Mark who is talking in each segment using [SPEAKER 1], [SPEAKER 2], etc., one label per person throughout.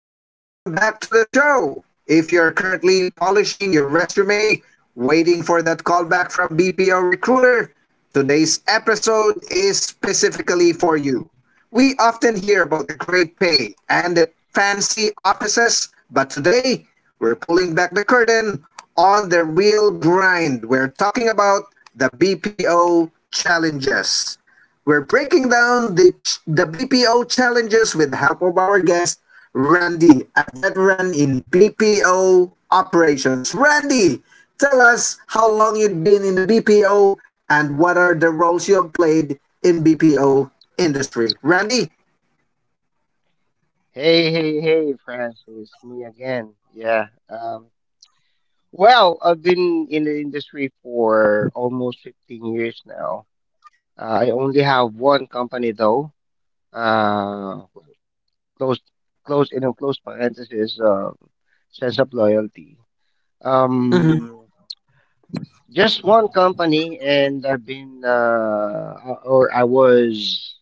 [SPEAKER 1] and welcome back to the show. If you're currently polishing your resume, waiting for that callback from BPO Recruiter, today's episode is specifically for you. We often hear about the great pay and the fancy offices, but today we're pulling back the curtain on the real grind. We're talking about the BPO challenges. We're breaking down the BPO challenges with the help of our guest, Randy, a veteran in BPO operations. Randy, tell us how long you've been in the BPO and what are the roles you have played in BPO industry. Randy?
[SPEAKER 2] Hey, hey, hey, Francis, me again. Yeah. Well, I've been in the industry for almost 15 years now. I only have one company though. Uh, close, close, in a close parenthesis, sense of loyalty. Um, just one company, and I've been, or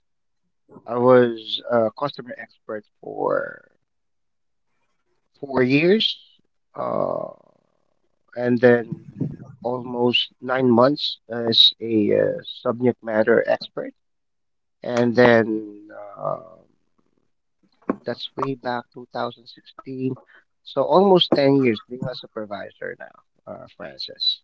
[SPEAKER 2] I was a customer expert for 4 years. Uh, and then almost 9 months as a subject matter expert. And then uh, that's way back 2016. So almost 10 years being a supervisor now, Francis.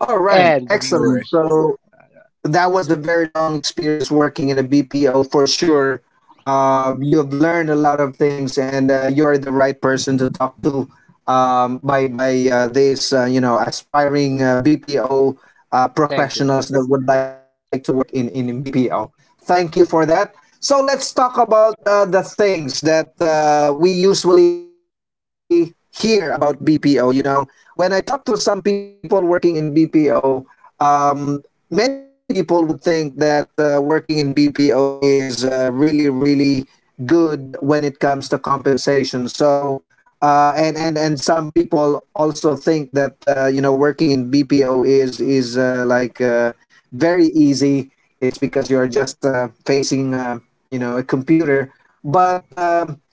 [SPEAKER 1] All right,
[SPEAKER 2] And the
[SPEAKER 1] excellent.
[SPEAKER 2] viewers, yeah.
[SPEAKER 1] So
[SPEAKER 2] Uh,
[SPEAKER 1] that was a very long experience working in a BPO for sure. You have learned a lot of things, and you're the right person to talk to, by these, aspiring, BPO,
[SPEAKER 2] thank you.
[SPEAKER 1] professionals that would like to work in BPO. Thank you for that. So let's talk about, the things that, we usually hear about BPO. You know, when I talk to some people working in BPO, um, many people would think that, working in BPO is, really, really good when it comes to compensation. So, and some people also think that, working in BPO is like very easy. It's because you are just, facing, a computer, but,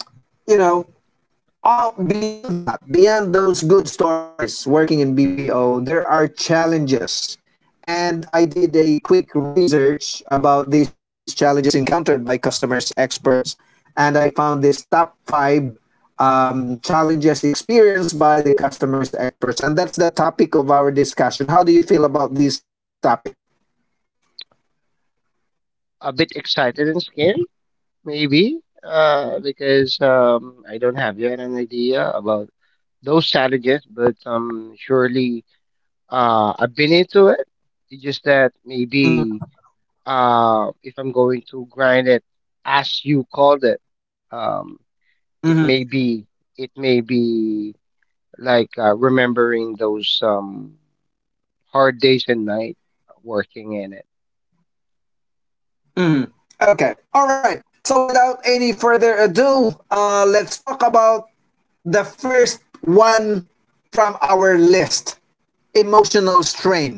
[SPEAKER 1] you know oh, beyond that, beyond those good stories working in BPO, there are challenges. And I did a quick research about these challenges encountered by customers, experts, and I found this top five, challenges experienced by the customers, experts. And that's the topic of our discussion. How do you feel about this topic?
[SPEAKER 2] A bit excited and scared, maybe, because I don't have yet an idea about those challenges, but surely I've been into it. It's just that
[SPEAKER 1] Hmm.
[SPEAKER 2] maybe if I'm going to grind it, as you called it, um,
[SPEAKER 1] Hmm.
[SPEAKER 2] it may be it may be like remembering those hard days and night working in it.
[SPEAKER 1] Hmm. Okay. All right. So without any further ado, let's talk about the first one from our list: emotional strain.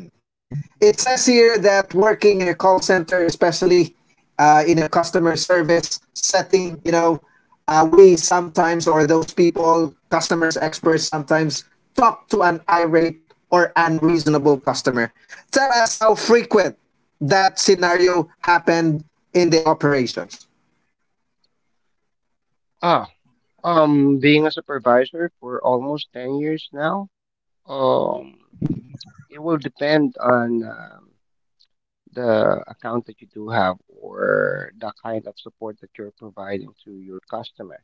[SPEAKER 1] It says here that working in a call center, especially, in a customer service setting, we sometimes, or those people, customers, experts, sometimes talk to an irate or unreasonable customer. Tell us how frequent that scenario happened in the operations.
[SPEAKER 2] Ah, being a supervisor for almost 10 years now. Um, it will depend on the account that you do have or the kind of support that you're providing to your customer.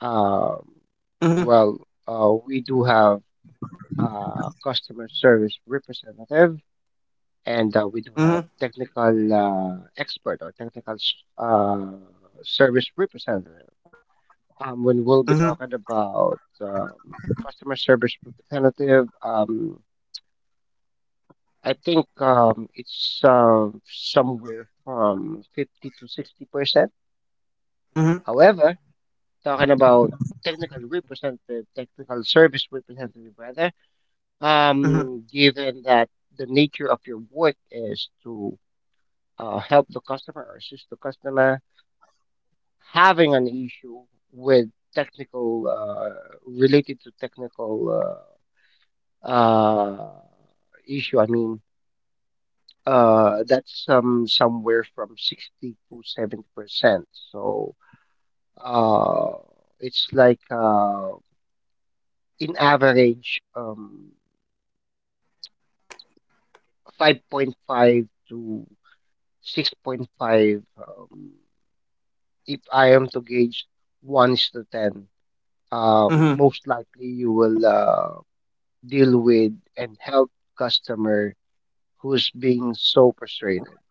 [SPEAKER 2] Um,
[SPEAKER 1] Mm-hmm,
[SPEAKER 2] well, we do have customer service representative, and
[SPEAKER 1] mm-hmm,
[SPEAKER 2] we do have technical expert or service representative. When
[SPEAKER 1] mm-hmm,
[SPEAKER 2] we'll be talking about customer service representative, I think it's somewhere from 50 to 60%.
[SPEAKER 1] mm-hmm,
[SPEAKER 2] However, talking about technical representative, technical service representative rather,
[SPEAKER 1] mm-hmm.
[SPEAKER 2] Given that the nature of your work is to help the customer or assist the customer having an issue with technical related to technical uh, uh, issue. I mean, that's somewhere from 60 to 70%. So uh, it's like in average 5.5 to 6.5. If I am to gauge ones to ten,
[SPEAKER 1] Mm-hmm.
[SPEAKER 2] most likely you will deal with and help customer who's being so frustrated.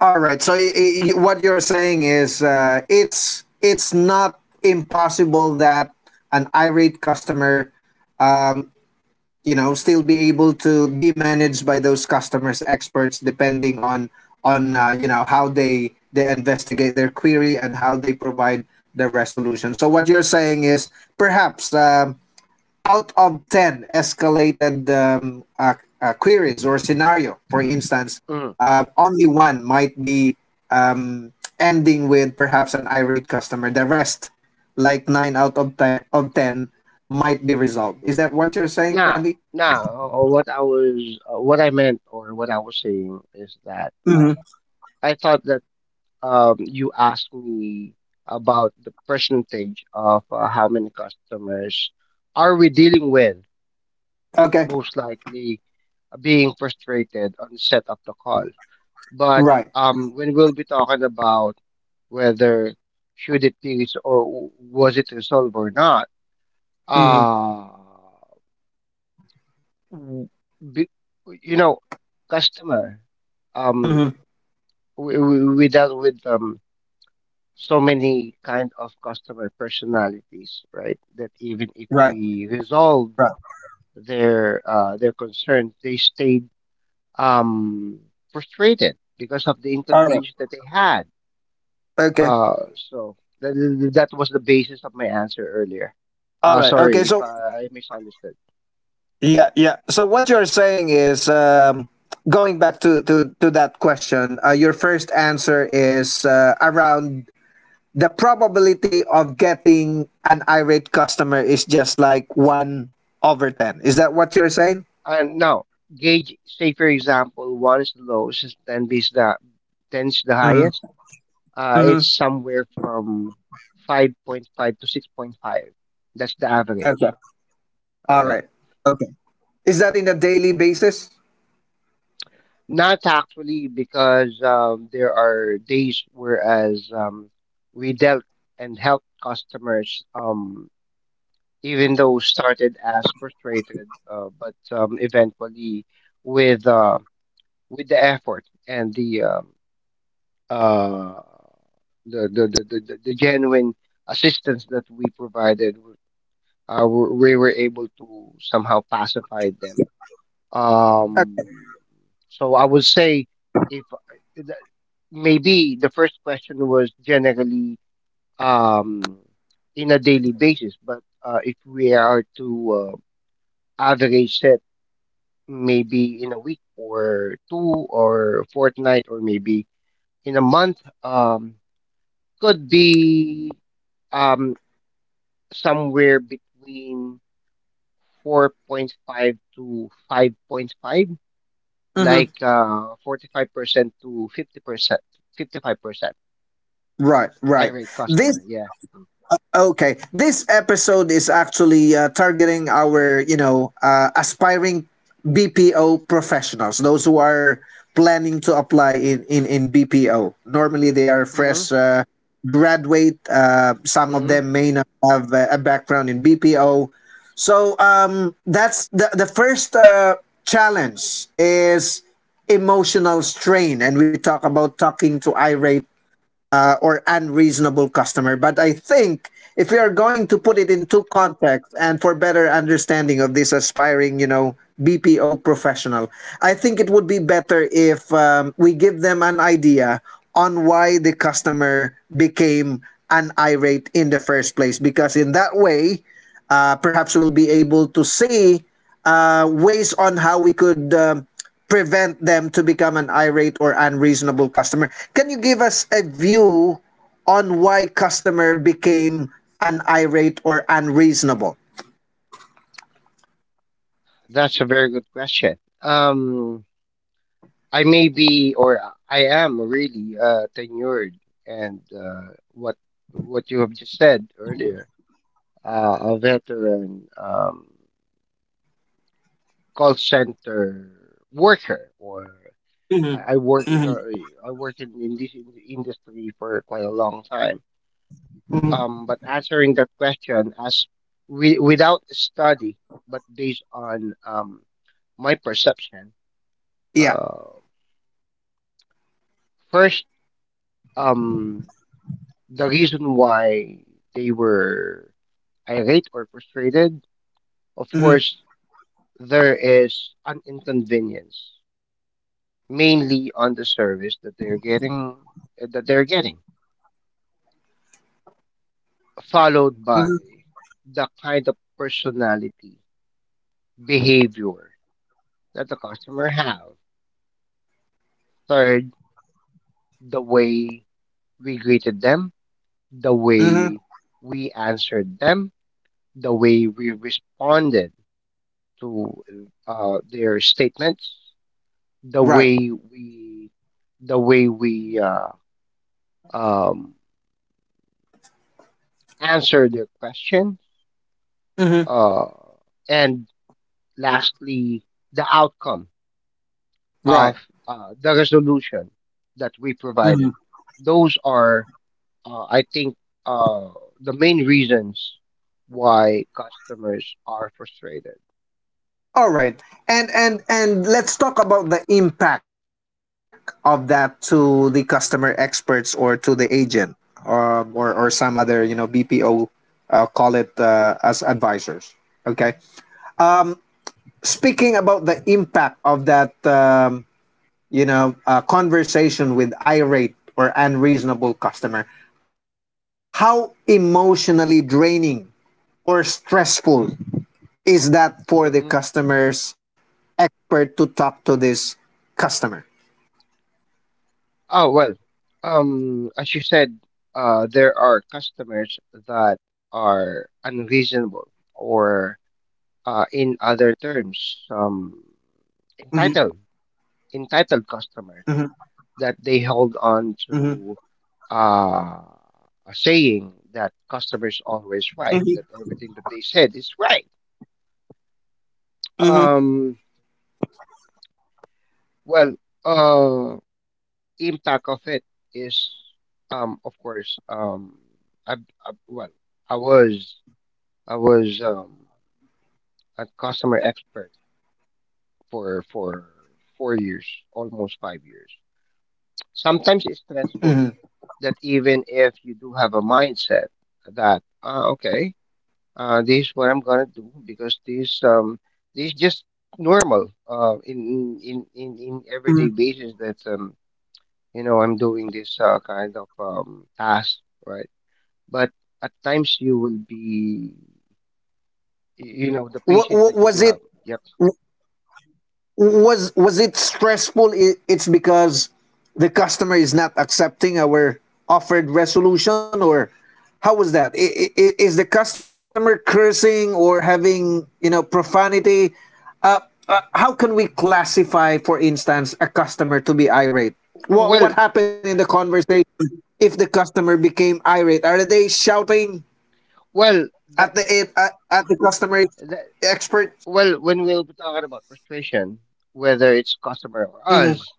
[SPEAKER 1] All right. So what you're saying is, it's not impossible that an irate customer, um, still be able to be managed by those customers experts, depending on how they investigate their query and how they provide the resolution. So what you're saying is perhaps, out of 10 escalated, queries or scenario, for instance,
[SPEAKER 2] Mm.
[SPEAKER 1] only one might be, um, ending with perhaps an irate customer. The rest, like 9 out of 10, might be resolved. Is that what you're saying,
[SPEAKER 2] Now,
[SPEAKER 1] Randy?
[SPEAKER 2] what what I meant, or what I was saying is that
[SPEAKER 1] Mm-hmm.
[SPEAKER 2] I thought that you asked me about the percentage of how many customers are we dealing with,
[SPEAKER 1] Okay.
[SPEAKER 2] most likely being frustrated on the set of the call. But
[SPEAKER 1] Right.
[SPEAKER 2] when we'll be talking about whether should it be was it resolved or not,
[SPEAKER 1] Mm-hmm.
[SPEAKER 2] uh, w- be, you know, customer um
[SPEAKER 1] Mm-hmm.
[SPEAKER 2] we dealt with so many kind of customer personalities, right? That even if
[SPEAKER 1] Right.
[SPEAKER 2] we resolve
[SPEAKER 1] Right.
[SPEAKER 2] their concerns, they stayed um frustrated because of the
[SPEAKER 1] All right.
[SPEAKER 2] inconvenience that they had.
[SPEAKER 1] Okay.
[SPEAKER 2] Uh, so that, that was the basis of my answer earlier.
[SPEAKER 1] All right. Okay.
[SPEAKER 2] Sorry if
[SPEAKER 1] So.
[SPEAKER 2] I misunderstood.
[SPEAKER 1] Yeah, yeah. So what you're saying is, going back to that question, your first answer is, around the probability of getting an irate customer is just like one over ten. Is that what you're saying?
[SPEAKER 2] And now, gauge, say for example, one is the lowest, is 10 is the 10 is the highest.
[SPEAKER 1] Mm-hmm. Mm-hmm.
[SPEAKER 2] It's somewhere from 5.5 to 6.5. That's the
[SPEAKER 1] Okay.
[SPEAKER 2] average.
[SPEAKER 1] All
[SPEAKER 2] Yeah.
[SPEAKER 1] right. Okay. Is that in a daily basis?
[SPEAKER 2] Not actually because there are days whereas we dealt and helped customers. Even though started as frustrated, but eventually, with uh, with the effort and the uh, the genuine assistance that we provided, we were able to somehow pacify them.
[SPEAKER 1] Uh
[SPEAKER 2] Um, so I would say, if the- maybe the first question was generally um, in a daily basis, but if we are to average it maybe in a week or two or fortnight or maybe in a month, um, could be um, somewhere between 4.5 to 5.5,
[SPEAKER 1] hmm.
[SPEAKER 2] like 45% to 50%, 55%
[SPEAKER 1] Right, right.
[SPEAKER 2] irate
[SPEAKER 1] This
[SPEAKER 2] customer, yeah.
[SPEAKER 1] Okay, this episode is actually, targeting our, aspiring BPO professionals, those who are planning to apply in BPO. Normally, they are
[SPEAKER 2] mm-hmm,
[SPEAKER 1] fresh, graduate. Some of
[SPEAKER 2] mm-hmm.
[SPEAKER 1] them may not have a background in BPO. So, that's the first, challenge is emotional strain. And we talk about talking to irate, or unreasonable customer. But I think if we are going to put it into context and for better understanding of this aspiring, BPO professional, I think it would be better if, we give them an idea on why the customer became an irate in the first place. Because in that way, perhaps we'll be able to see, ways on how we could, prevent them to become an irate or unreasonable customer. Can you give us a view on why customer became an irate or unreasonable?
[SPEAKER 2] That's a very good question. um, I may be, or I am really tenured, and what what you have just said earlier, a veteran, call center worker, or
[SPEAKER 1] Mhm,
[SPEAKER 2] I work in
[SPEAKER 1] mhm,
[SPEAKER 2] a, I work in this industry for quite a long time.
[SPEAKER 1] mm.
[SPEAKER 2] But answering that question as without study, but based on my perception,
[SPEAKER 1] Yeah.
[SPEAKER 2] uh, first. Um, the reason why they were irate or frustrated, of
[SPEAKER 1] Mhm.
[SPEAKER 2] course, there is an inconvenience, mainly on the service that they're getting, eh, that they're getting, followed by
[SPEAKER 1] Mhm.
[SPEAKER 2] the kind of personality, behavior that the customer have. Third, the way we greeted them, the
[SPEAKER 1] Mhm.
[SPEAKER 2] way we answered them, the way we responded to their statements, the
[SPEAKER 1] Right.
[SPEAKER 2] way we the way we um, answer their question,
[SPEAKER 1] Mhm.
[SPEAKER 2] uh, and lastly, the outcome of
[SPEAKER 1] Right.
[SPEAKER 2] the resolution that we
[SPEAKER 1] Mhm.
[SPEAKER 2] provided. Those are, I think, uh, the main reasons why customers are frustrated.
[SPEAKER 1] All right. And let's talk about the impact of that to the customer experts or to the agent, or some other, BPO, call it, as advisors. Okay? Um, Speaking about the impact of that, conversation with irate or unreasonable customer, how emotionally draining or stressful is that for the
[SPEAKER 2] Mhm.
[SPEAKER 1] customer's expert to talk to this customer?
[SPEAKER 2] Oh well, as you said, there are customers that are unreasonable or in other terms, um, entitled
[SPEAKER 1] Mhm.
[SPEAKER 2] entitled customers
[SPEAKER 1] Mhm.
[SPEAKER 2] that they hold on
[SPEAKER 1] Mhm.
[SPEAKER 2] to uh, a saying that customers always right, that
[SPEAKER 1] Mhm.
[SPEAKER 2] everything that they said is right.
[SPEAKER 1] Mhm.
[SPEAKER 2] Um, well, uh, impact of it is, of course, well, I was I was a customer expert for 4 years, almost 5 years. Sometimes it's stressful
[SPEAKER 1] Mhm.
[SPEAKER 2] that even if you do have a mindset that ah okay, this is what I'm gonna do because this is just normal in
[SPEAKER 1] Mhm.
[SPEAKER 2] everyday basis that you know, I'm doing this kind of task, right? But at times you will be, you know, the
[SPEAKER 1] Wa-
[SPEAKER 2] patience
[SPEAKER 1] wa-
[SPEAKER 2] that you do
[SPEAKER 1] was it
[SPEAKER 2] have. Yep.
[SPEAKER 1] was it stressful? It's because the customer is not accepting our offered resolution, or how was that? Is the customer cursing or having, profanity? uh, how can we classify, for instance, a customer to be irate?
[SPEAKER 2] well
[SPEAKER 1] What happened in the conversation? If the customer became irate, are they shouting
[SPEAKER 2] well that
[SPEAKER 1] at the customer
[SPEAKER 2] that
[SPEAKER 1] expert?
[SPEAKER 2] well when we'll be talking about frustration, whether it's customer or
[SPEAKER 1] Hmm.
[SPEAKER 2] us,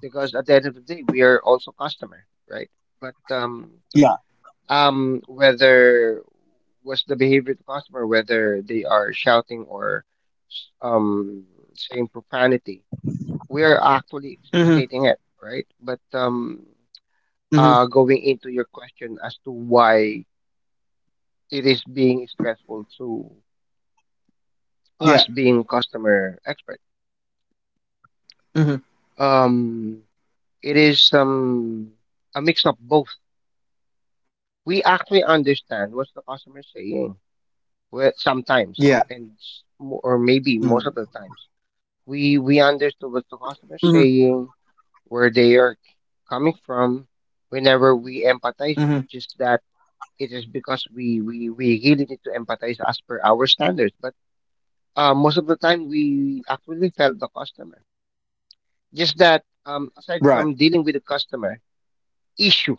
[SPEAKER 2] because at the end of the day, we are also customer, right? But
[SPEAKER 1] Yeah.
[SPEAKER 2] whether what's the behavior to customer, whether they are shouting or um saying profanity, we are actually
[SPEAKER 1] Hmm.
[SPEAKER 2] stating it, right? But
[SPEAKER 1] Hmm.
[SPEAKER 2] going into your question as to why it is being stressful to us
[SPEAKER 1] Yeah.
[SPEAKER 2] being customer expert,
[SPEAKER 1] Hmm.
[SPEAKER 2] um, it is a mix of both. We actually understand what the customer is saying. Well, sometimes, and
[SPEAKER 1] Yeah.
[SPEAKER 2] or maybe most of the
[SPEAKER 1] Mm.
[SPEAKER 2] times, we understood what the customer
[SPEAKER 1] Mm-hmm.
[SPEAKER 2] saying, where they are coming from. Whenever we empathize, it's
[SPEAKER 1] Mm-hmm.
[SPEAKER 2] just that it is because we really need to empathize as per our standards. But most of the time, we actually felt the customer. Just that aside
[SPEAKER 1] Right.
[SPEAKER 2] from dealing with the customer issue,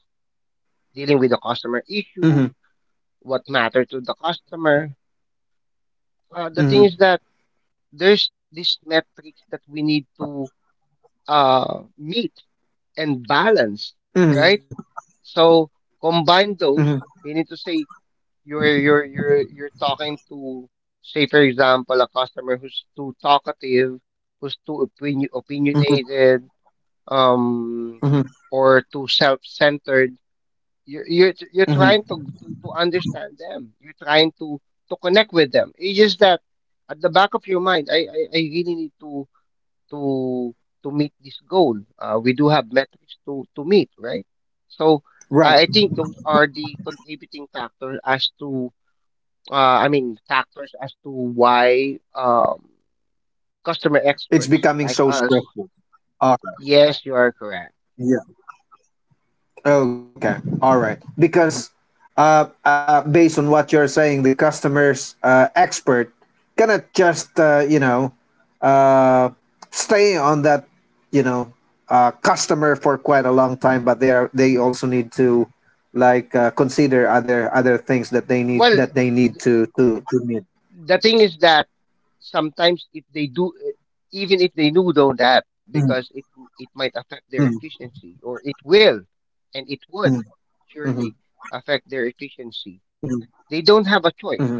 [SPEAKER 2] dealing with the customer issue,
[SPEAKER 1] Mm-hmm.
[SPEAKER 2] what matter to the customer. The thing is
[SPEAKER 1] Mm-hmm.
[SPEAKER 2] that there's this metric that we need to meet and balance,
[SPEAKER 1] Mm-hmm.
[SPEAKER 2] right? So combine those.
[SPEAKER 1] Mm-hmm.
[SPEAKER 2] We need to say you're talking to, say for example, a customer who's too talkative, who's too
[SPEAKER 1] Mm-hmm.
[SPEAKER 2] opinionated, um,
[SPEAKER 1] Mm-hmm.
[SPEAKER 2] or too self-centered. You're trying to,
[SPEAKER 1] Mm-hmm.
[SPEAKER 2] to understand them. You're trying to connect with them. It's just that at the back of your mind, I really need to to to meet this goal. We do have metrics to meet, right? So I think those are
[SPEAKER 1] Right.
[SPEAKER 2] the contributing factors as to factors as to why customer
[SPEAKER 1] It's
[SPEAKER 2] experts
[SPEAKER 1] becoming
[SPEAKER 2] like
[SPEAKER 1] so
[SPEAKER 2] us.
[SPEAKER 1] stressful. All right.
[SPEAKER 2] Yes, you are correct.
[SPEAKER 1] Yeah. Okay. All right. Because, based on what you're saying, the customer's, expert cannot just, uh, stay on that, you know customer for quite a long time, but they also need to, consider other things
[SPEAKER 2] Well,
[SPEAKER 1] that they need
[SPEAKER 2] th-
[SPEAKER 1] to meet.
[SPEAKER 2] the thing is that sometimes if they do, eh, even if they do know that,
[SPEAKER 1] Mhm,
[SPEAKER 2] because it might affect
[SPEAKER 1] mhm,
[SPEAKER 2] their efficiency, or it will, and it
[SPEAKER 1] mhm,
[SPEAKER 2] would
[SPEAKER 1] mhm,
[SPEAKER 2] surely affect their efficiency.
[SPEAKER 1] mhm,
[SPEAKER 2] They don't have a choice.
[SPEAKER 1] mhm.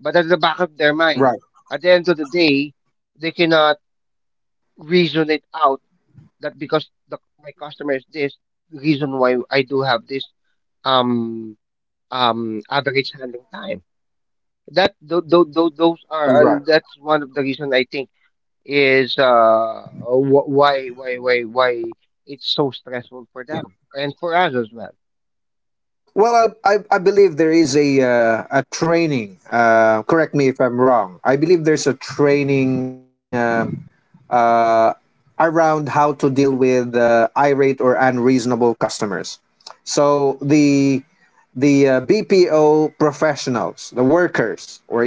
[SPEAKER 2] But at the back of their
[SPEAKER 1] Right,
[SPEAKER 2] mind, at the end of the day, they cannot reason it out that because my customer is this, the reason why I do have this um average handling time. That th- th- th- those
[SPEAKER 1] right.
[SPEAKER 2] are that's one of the reason I think is why it's so stressful for them and for us as well.
[SPEAKER 1] Well, I believe there is a, a training. Correct me if I'm wrong. I believe there's a training, uh, around how to deal with, irate or unreasonable customers. So the BPO professionals, the workers or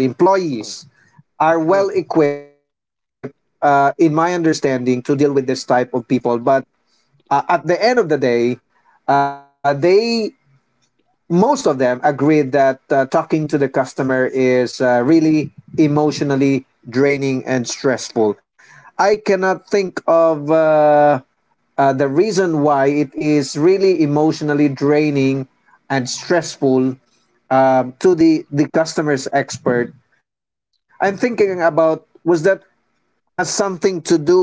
[SPEAKER 2] Mm,
[SPEAKER 1] employees, are
[SPEAKER 2] mm.
[SPEAKER 1] well equipped, in my understanding, to deal with this type of people. But at the end of the day, they most of them agreed that, talking to the customer is, really emotionally draining and stressful. I cannot think of, the reason why it is really emotionally draining and stressful, to the customer's expert. I'm thinking about was that has something to do with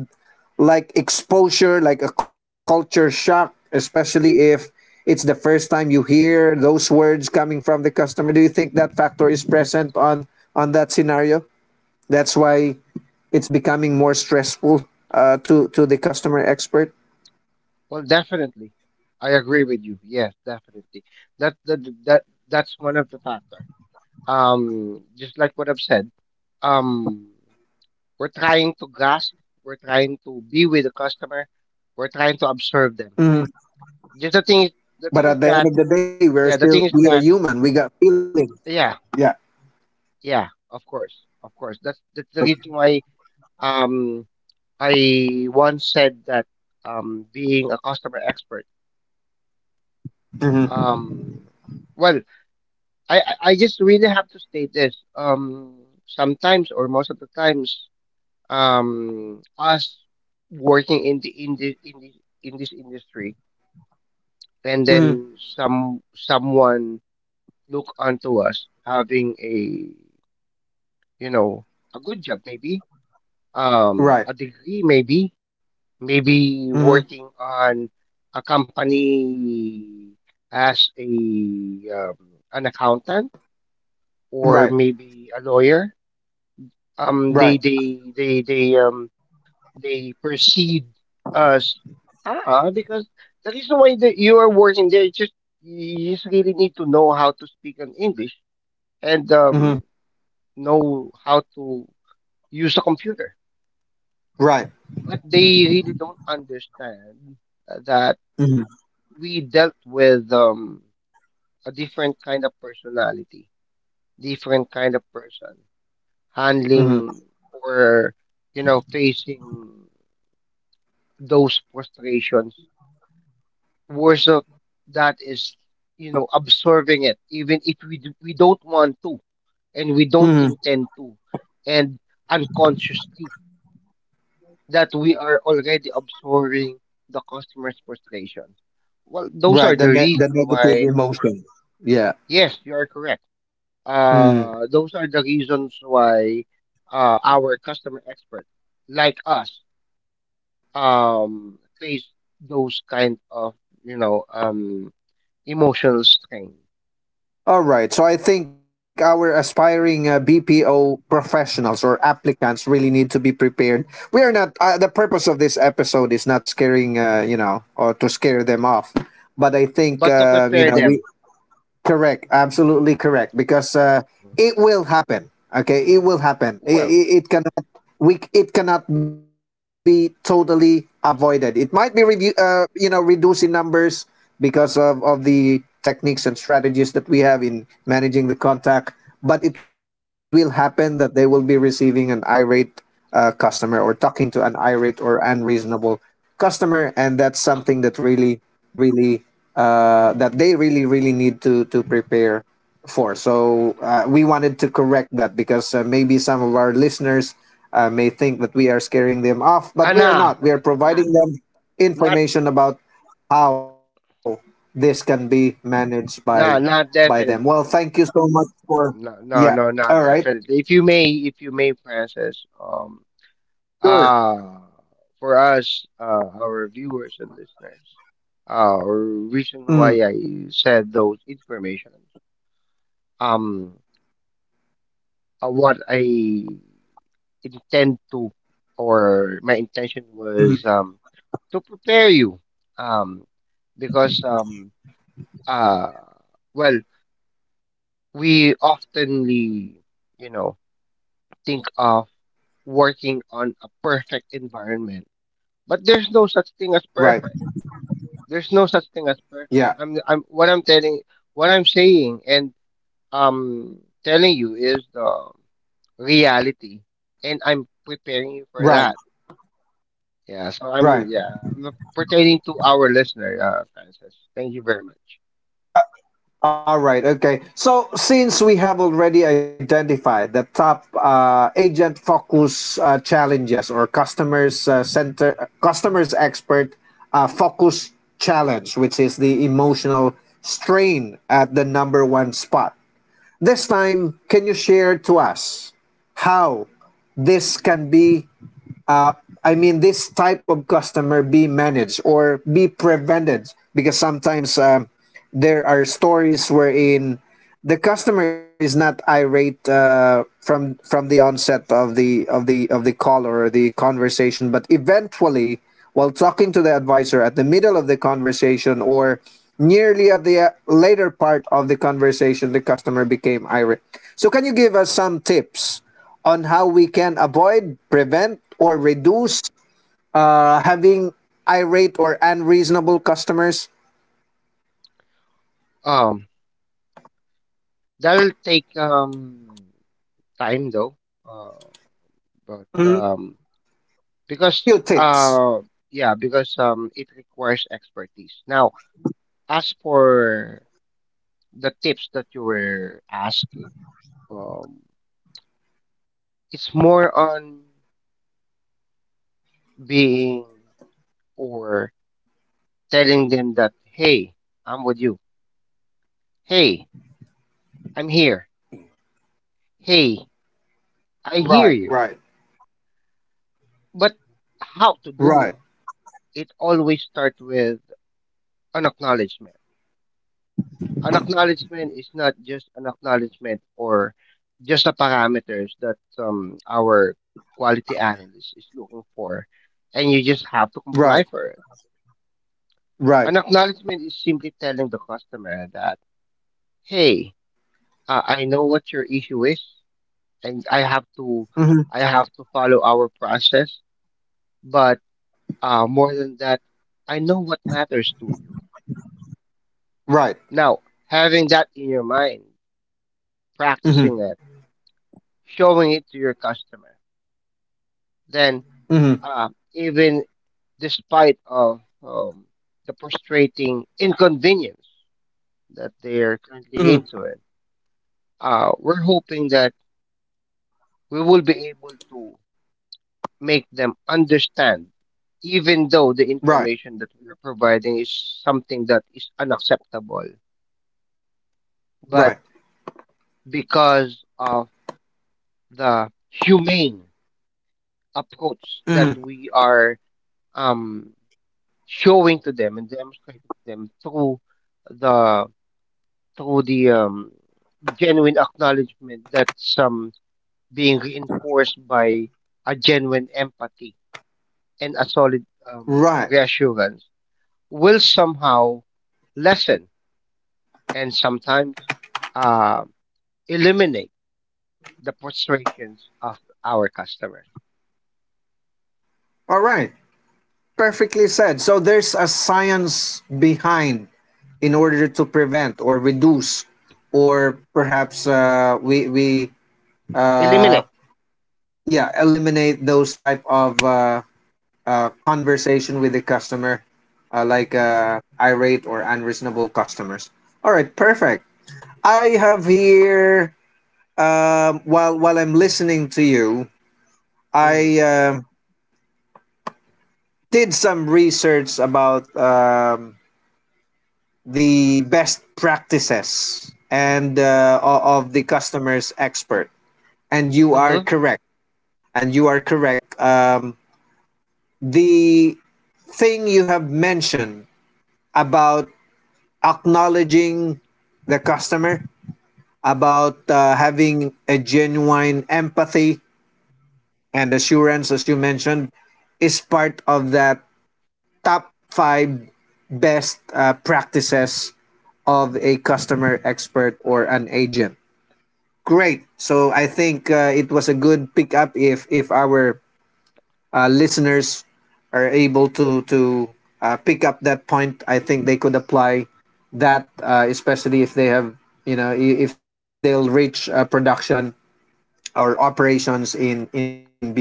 [SPEAKER 1] like exposure, like a culture shock, especially if it's the first time you hear those words coming from the customer. Do you think that factor is present on that scenario? That's why it's becoming more stressful, to the customer expert.
[SPEAKER 2] Well, definitely, I agree with you. Yes, definitely. That that that that's one of the factor. Just like what I've said. Um, we're trying to grasp. We're trying to be with the customer. We're trying to
[SPEAKER 1] Mhm.
[SPEAKER 2] observe them. Just the
[SPEAKER 1] But
[SPEAKER 2] thing.
[SPEAKER 1] at the end
[SPEAKER 2] The
[SPEAKER 1] of
[SPEAKER 2] thing
[SPEAKER 1] the
[SPEAKER 2] is
[SPEAKER 1] day,
[SPEAKER 2] that,
[SPEAKER 1] we're still, we are
[SPEAKER 2] yeah. The
[SPEAKER 1] human.
[SPEAKER 2] thing is
[SPEAKER 1] We got
[SPEAKER 2] that,
[SPEAKER 1] feelings. Yeah.
[SPEAKER 2] yeah, yeah. Of course, of
[SPEAKER 1] Okay.
[SPEAKER 2] course. That's the reason why um I once said that being a customer expert,
[SPEAKER 1] Mm-hmm.
[SPEAKER 2] um well I I I just really have to state this. Sometimes or most of the times, us working in this industry,
[SPEAKER 1] Mm-hmm.
[SPEAKER 2] and then someone look onto us having a, you know, a good job maybe,
[SPEAKER 1] Right.
[SPEAKER 2] a degree maybe, maybe
[SPEAKER 1] Mm-hmm.
[SPEAKER 2] working on a company as a um, an accountant
[SPEAKER 1] Right.
[SPEAKER 2] or maybe a lawyer, um
[SPEAKER 1] Right.
[SPEAKER 2] they they they they um they perceive us, ah, because the reason why that you are working there is just you just really need to know how to speak in English and
[SPEAKER 1] Mm-hmm.
[SPEAKER 2] know how to use a computer.
[SPEAKER 1] Right.
[SPEAKER 2] But they really don't understand that
[SPEAKER 1] Mm-hmm.
[SPEAKER 2] we dealt with a different kind of personality, different kind of person
[SPEAKER 1] Mm-hmm.
[SPEAKER 2] handling or facing those frustrations version of that is absorbing it even if we don't want to, and we don't
[SPEAKER 1] Mm-hmm.
[SPEAKER 2] intend to, and unconsciously that we are already absorbing the customer's frustration. Well, those
[SPEAKER 1] Right.
[SPEAKER 2] are
[SPEAKER 1] The
[SPEAKER 2] the
[SPEAKER 1] ne- the
[SPEAKER 2] reason
[SPEAKER 1] negative
[SPEAKER 2] why.
[SPEAKER 1] emotion. Yeah.
[SPEAKER 2] Yes, you are correct,
[SPEAKER 1] Mm.
[SPEAKER 2] those are the reasons why our customer experts like us face those kind of, you know um emotional strain,
[SPEAKER 1] All right. So I think our aspiring, BPO professionals or applicants really need to be prepared. We are not. The purpose of this episode is not scaring, or to scare them off. But I think,
[SPEAKER 2] but to prepare them.
[SPEAKER 1] we correct, absolutely correct. Because, it will happen. Okay, it will happen. It,
[SPEAKER 2] Well,
[SPEAKER 1] it, it cannot we it cannot be totally avoided. It might be review, reducing numbers because of the techniques and strategies that we have in managing the contact. But it will happen that they will be receiving an irate, customer or talking to an irate or unreasonable customer, and that's something that really, really, that they really really need to prepare for. So, we wanted to correct that, because, maybe some of our listeners, may think that we are scaring them off, but
[SPEAKER 2] nah,
[SPEAKER 1] we are not. We are
[SPEAKER 2] nah,
[SPEAKER 1] providing them
[SPEAKER 2] not,
[SPEAKER 1] information about how this can be managed by
[SPEAKER 2] nah, not
[SPEAKER 1] by them. Well,
[SPEAKER 2] definitely.
[SPEAKER 1] thank you so much for.
[SPEAKER 2] No, no,
[SPEAKER 1] Yeah.
[SPEAKER 2] no,
[SPEAKER 1] All
[SPEAKER 2] not
[SPEAKER 1] right.
[SPEAKER 2] definitely. If you may, Francis,
[SPEAKER 1] Sure.
[SPEAKER 2] uh, for us, our viewers and listeners, reason
[SPEAKER 1] Mm.
[SPEAKER 2] why I said those information, um, what I intend to, or my intention
[SPEAKER 1] Mm-hmm.
[SPEAKER 2] was, to prepare you, um, because, Uh, well, we oftenly, you know, think of working on a perfect environment, but there's no such thing as
[SPEAKER 1] Right.
[SPEAKER 2] perfect. There's no such thing as perfect.
[SPEAKER 1] Yeah.
[SPEAKER 2] What I'm telling, what I'm saying, and um, telling you is the reality, and I'm preparing you for
[SPEAKER 1] Right.
[SPEAKER 2] that. Yeah, so
[SPEAKER 1] Right.
[SPEAKER 2] I'm pertaining to our listener, Francis. Thank you very much.
[SPEAKER 1] All right, okay. So since we have already identified the top, agent focus, challenges or customers, center customers expert, focus challenge, which is the emotional strain at the number one spot. This time, can you share to us how this can be, I mean, this type of customer be managed or be prevented, because sometimes, there are stories wherein the customer is not irate, from the onset of the call or the conversation, but eventually, while talking to the advisor at the middle of the conversation or nearly at the, later part of the conversation, the customer became irate. So, can you give us some tips on how we can avoid, prevent, or reduce, having irate or unreasonable customers?
[SPEAKER 2] Um, That'll take time though. Uh, but
[SPEAKER 1] Mm.
[SPEAKER 2] because
[SPEAKER 1] Few tips.
[SPEAKER 2] uh, yeah, because it requires expertise. Now, as for the tips that you were asking, um, it's more on being or telling them that, hey, I'm with you. Hey, I'm here. Hey, I
[SPEAKER 1] Right,
[SPEAKER 2] hear
[SPEAKER 1] right.
[SPEAKER 2] you. But how to
[SPEAKER 1] Right,
[SPEAKER 2] do it? It always starts with an acknowledgement. An acknowledgement is not just an acknowledgement or just the parameters that our quality analyst is looking for, and you just have to
[SPEAKER 1] right,
[SPEAKER 2] comply for it.
[SPEAKER 1] right.
[SPEAKER 2] An acknowledgement is simply telling the customer that, hey, I know what your issue is, and
[SPEAKER 1] Mm-hmm.
[SPEAKER 2] I have to follow our process. But more than that, I know what matters to you.
[SPEAKER 1] Right.
[SPEAKER 2] Now, having that in your mind,
[SPEAKER 1] Mm-hmm.
[SPEAKER 2] practicing it, showing it to your customer, then
[SPEAKER 1] Mm-hmm.
[SPEAKER 2] even despite of the frustrating inconvenience that they
[SPEAKER 1] Mm-hmm.
[SPEAKER 2] are currently into it. We're hoping that we will be able to make them understand, even though
[SPEAKER 1] Right.
[SPEAKER 2] the information that we are providing is something that is unacceptable,
[SPEAKER 1] Right.
[SPEAKER 2] but because of the humane
[SPEAKER 1] Mm-hmm.
[SPEAKER 2] approach that we are, um, showing to them and demonstrating to them through the the genuine acknowledgement that's, being reinforced by a genuine empathy and a solid,
[SPEAKER 1] Right.
[SPEAKER 2] reassurance will somehow lessen and sometimes uh, eliminate the frustrations of our customers.
[SPEAKER 1] All right. Perfectly said. So there's a science behind in order to prevent or reduce, or perhaps we uh,
[SPEAKER 2] Eliminate.
[SPEAKER 1] yeah eliminate those type of conversation with the customer, like irate or unreasonable customers. All right, perfect. I have here, while I'm listening to you,
[SPEAKER 2] Mm.
[SPEAKER 1] I did some research about the best practices and of the customer's expert, and you are
[SPEAKER 2] Hmm.
[SPEAKER 1] correct. and you are correct um, the thing you have mentioned about acknowledging the customer, about having a genuine empathy and assurance, as you mentioned, is part of the top five best practices of a customer expert or an agent. Great. So I think it was a good pickup if our listeners are able to pick up that point, I think they could apply that, especially if they have, you know, if they'll reach production or operations in BPO.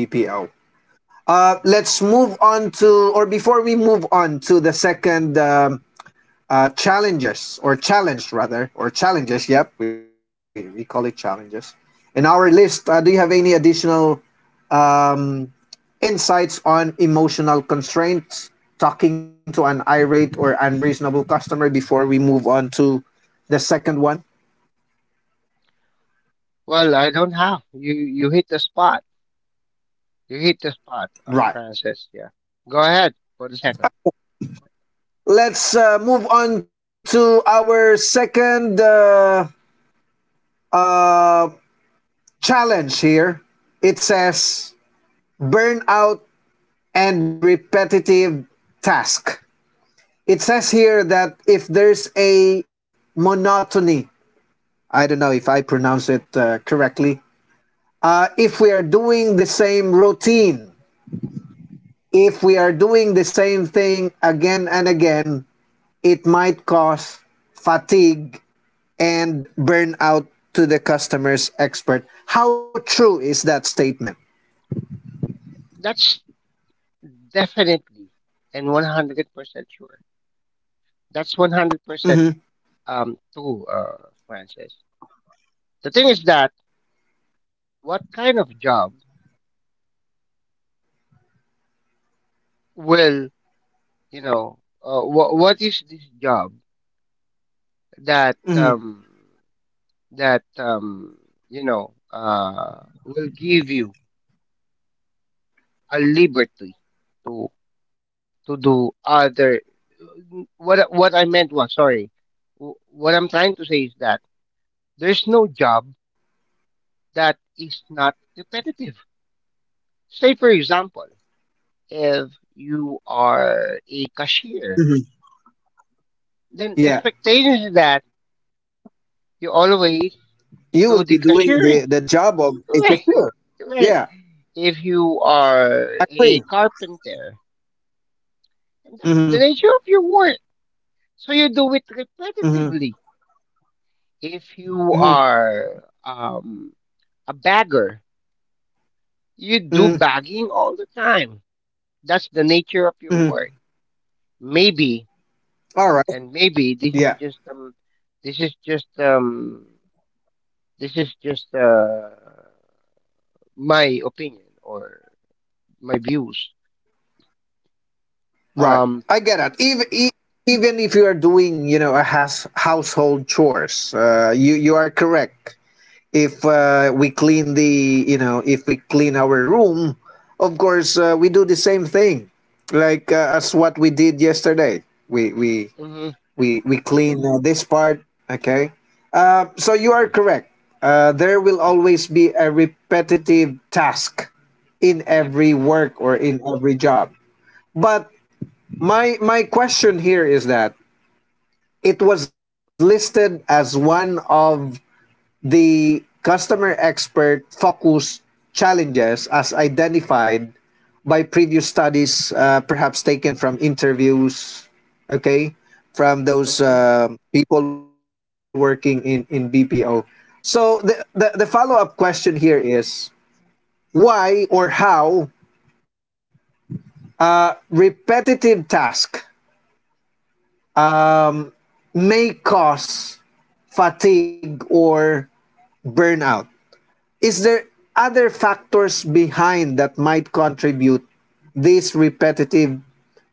[SPEAKER 1] Let's move on to or Before we move on to the second challenges or challenge rather, or challenges. Yep, we call it challenges. In our list, do you have any additional um, insights on emotional constraints, talking to an irate or unreasonable customer before we move on to the second one.
[SPEAKER 2] Well, I don't have. You hit the spot. You hit the spot,
[SPEAKER 1] Right.
[SPEAKER 2] Francis. Yeah. Go ahead for the second one.
[SPEAKER 1] Let's move on to our second uh, challenge here. It says burnout and repetitive task. It says here that if there's a monotony, I don't know if I pronounce it correctly. If we are doing the same routine, if we are doing the same thing again and again, it might cause fatigue and burnout to the customer's expert. How true is that statement?
[SPEAKER 2] That's definitely, and 100% sure. That's 100% true, Francis. The thing is that what kind of job will, you know? what is this job that
[SPEAKER 1] Mhm.
[SPEAKER 2] that um you know will give you a liberty to to do other? What I meant was sorry. Wh- What I'm trying to say is that there's no job that is not repetitive. Say, for example, if you are a cashier,
[SPEAKER 1] Mhm.
[SPEAKER 2] then
[SPEAKER 1] Yeah.
[SPEAKER 2] expectation is that you always
[SPEAKER 1] You will
[SPEAKER 2] do
[SPEAKER 1] be
[SPEAKER 2] the
[SPEAKER 1] doing
[SPEAKER 2] cashiering.
[SPEAKER 1] the job of a
[SPEAKER 2] Right.
[SPEAKER 1] cashier.
[SPEAKER 2] Right.
[SPEAKER 1] Yeah.
[SPEAKER 2] If you are a
[SPEAKER 1] Agree.
[SPEAKER 2] carpenter, and that's
[SPEAKER 1] Mm-hmm.
[SPEAKER 2] the nature of your work. So you do it
[SPEAKER 1] Mm-hmm.
[SPEAKER 2] repetitively. If you
[SPEAKER 1] Mhm.
[SPEAKER 2] are a bagger, you do bagging all the time. That's the nature of your
[SPEAKER 1] Mm-hmm.
[SPEAKER 2] work. Maybe,
[SPEAKER 1] All right.
[SPEAKER 2] and maybe this is
[SPEAKER 1] Yeah.
[SPEAKER 2] just this is just this is just my opinion or my views.
[SPEAKER 1] Right.
[SPEAKER 2] Um
[SPEAKER 1] I get it. Even if you are doing, you know, a house household chores, you you are correct. If we clean the, you know, if we clean our room, of course we do the same thing, like as what we did yesterday. We we
[SPEAKER 2] mhm.
[SPEAKER 1] we we clean this part. Okay. So you are
[SPEAKER 2] Mm.
[SPEAKER 1] correct. There will always be a repetitive task in
[SPEAKER 2] Yep.
[SPEAKER 1] every work or in every job. But my question here is that it was listed as one of the customer expert focus challenges as identified by previous studies, perhaps taken from interviews, okay,
[SPEAKER 2] Mhm.
[SPEAKER 1] from those people working in BPO. So the follow up question here is why or how repetitive task may cause fatigue or burnout. Is there other factors behind that might contribute this repetitive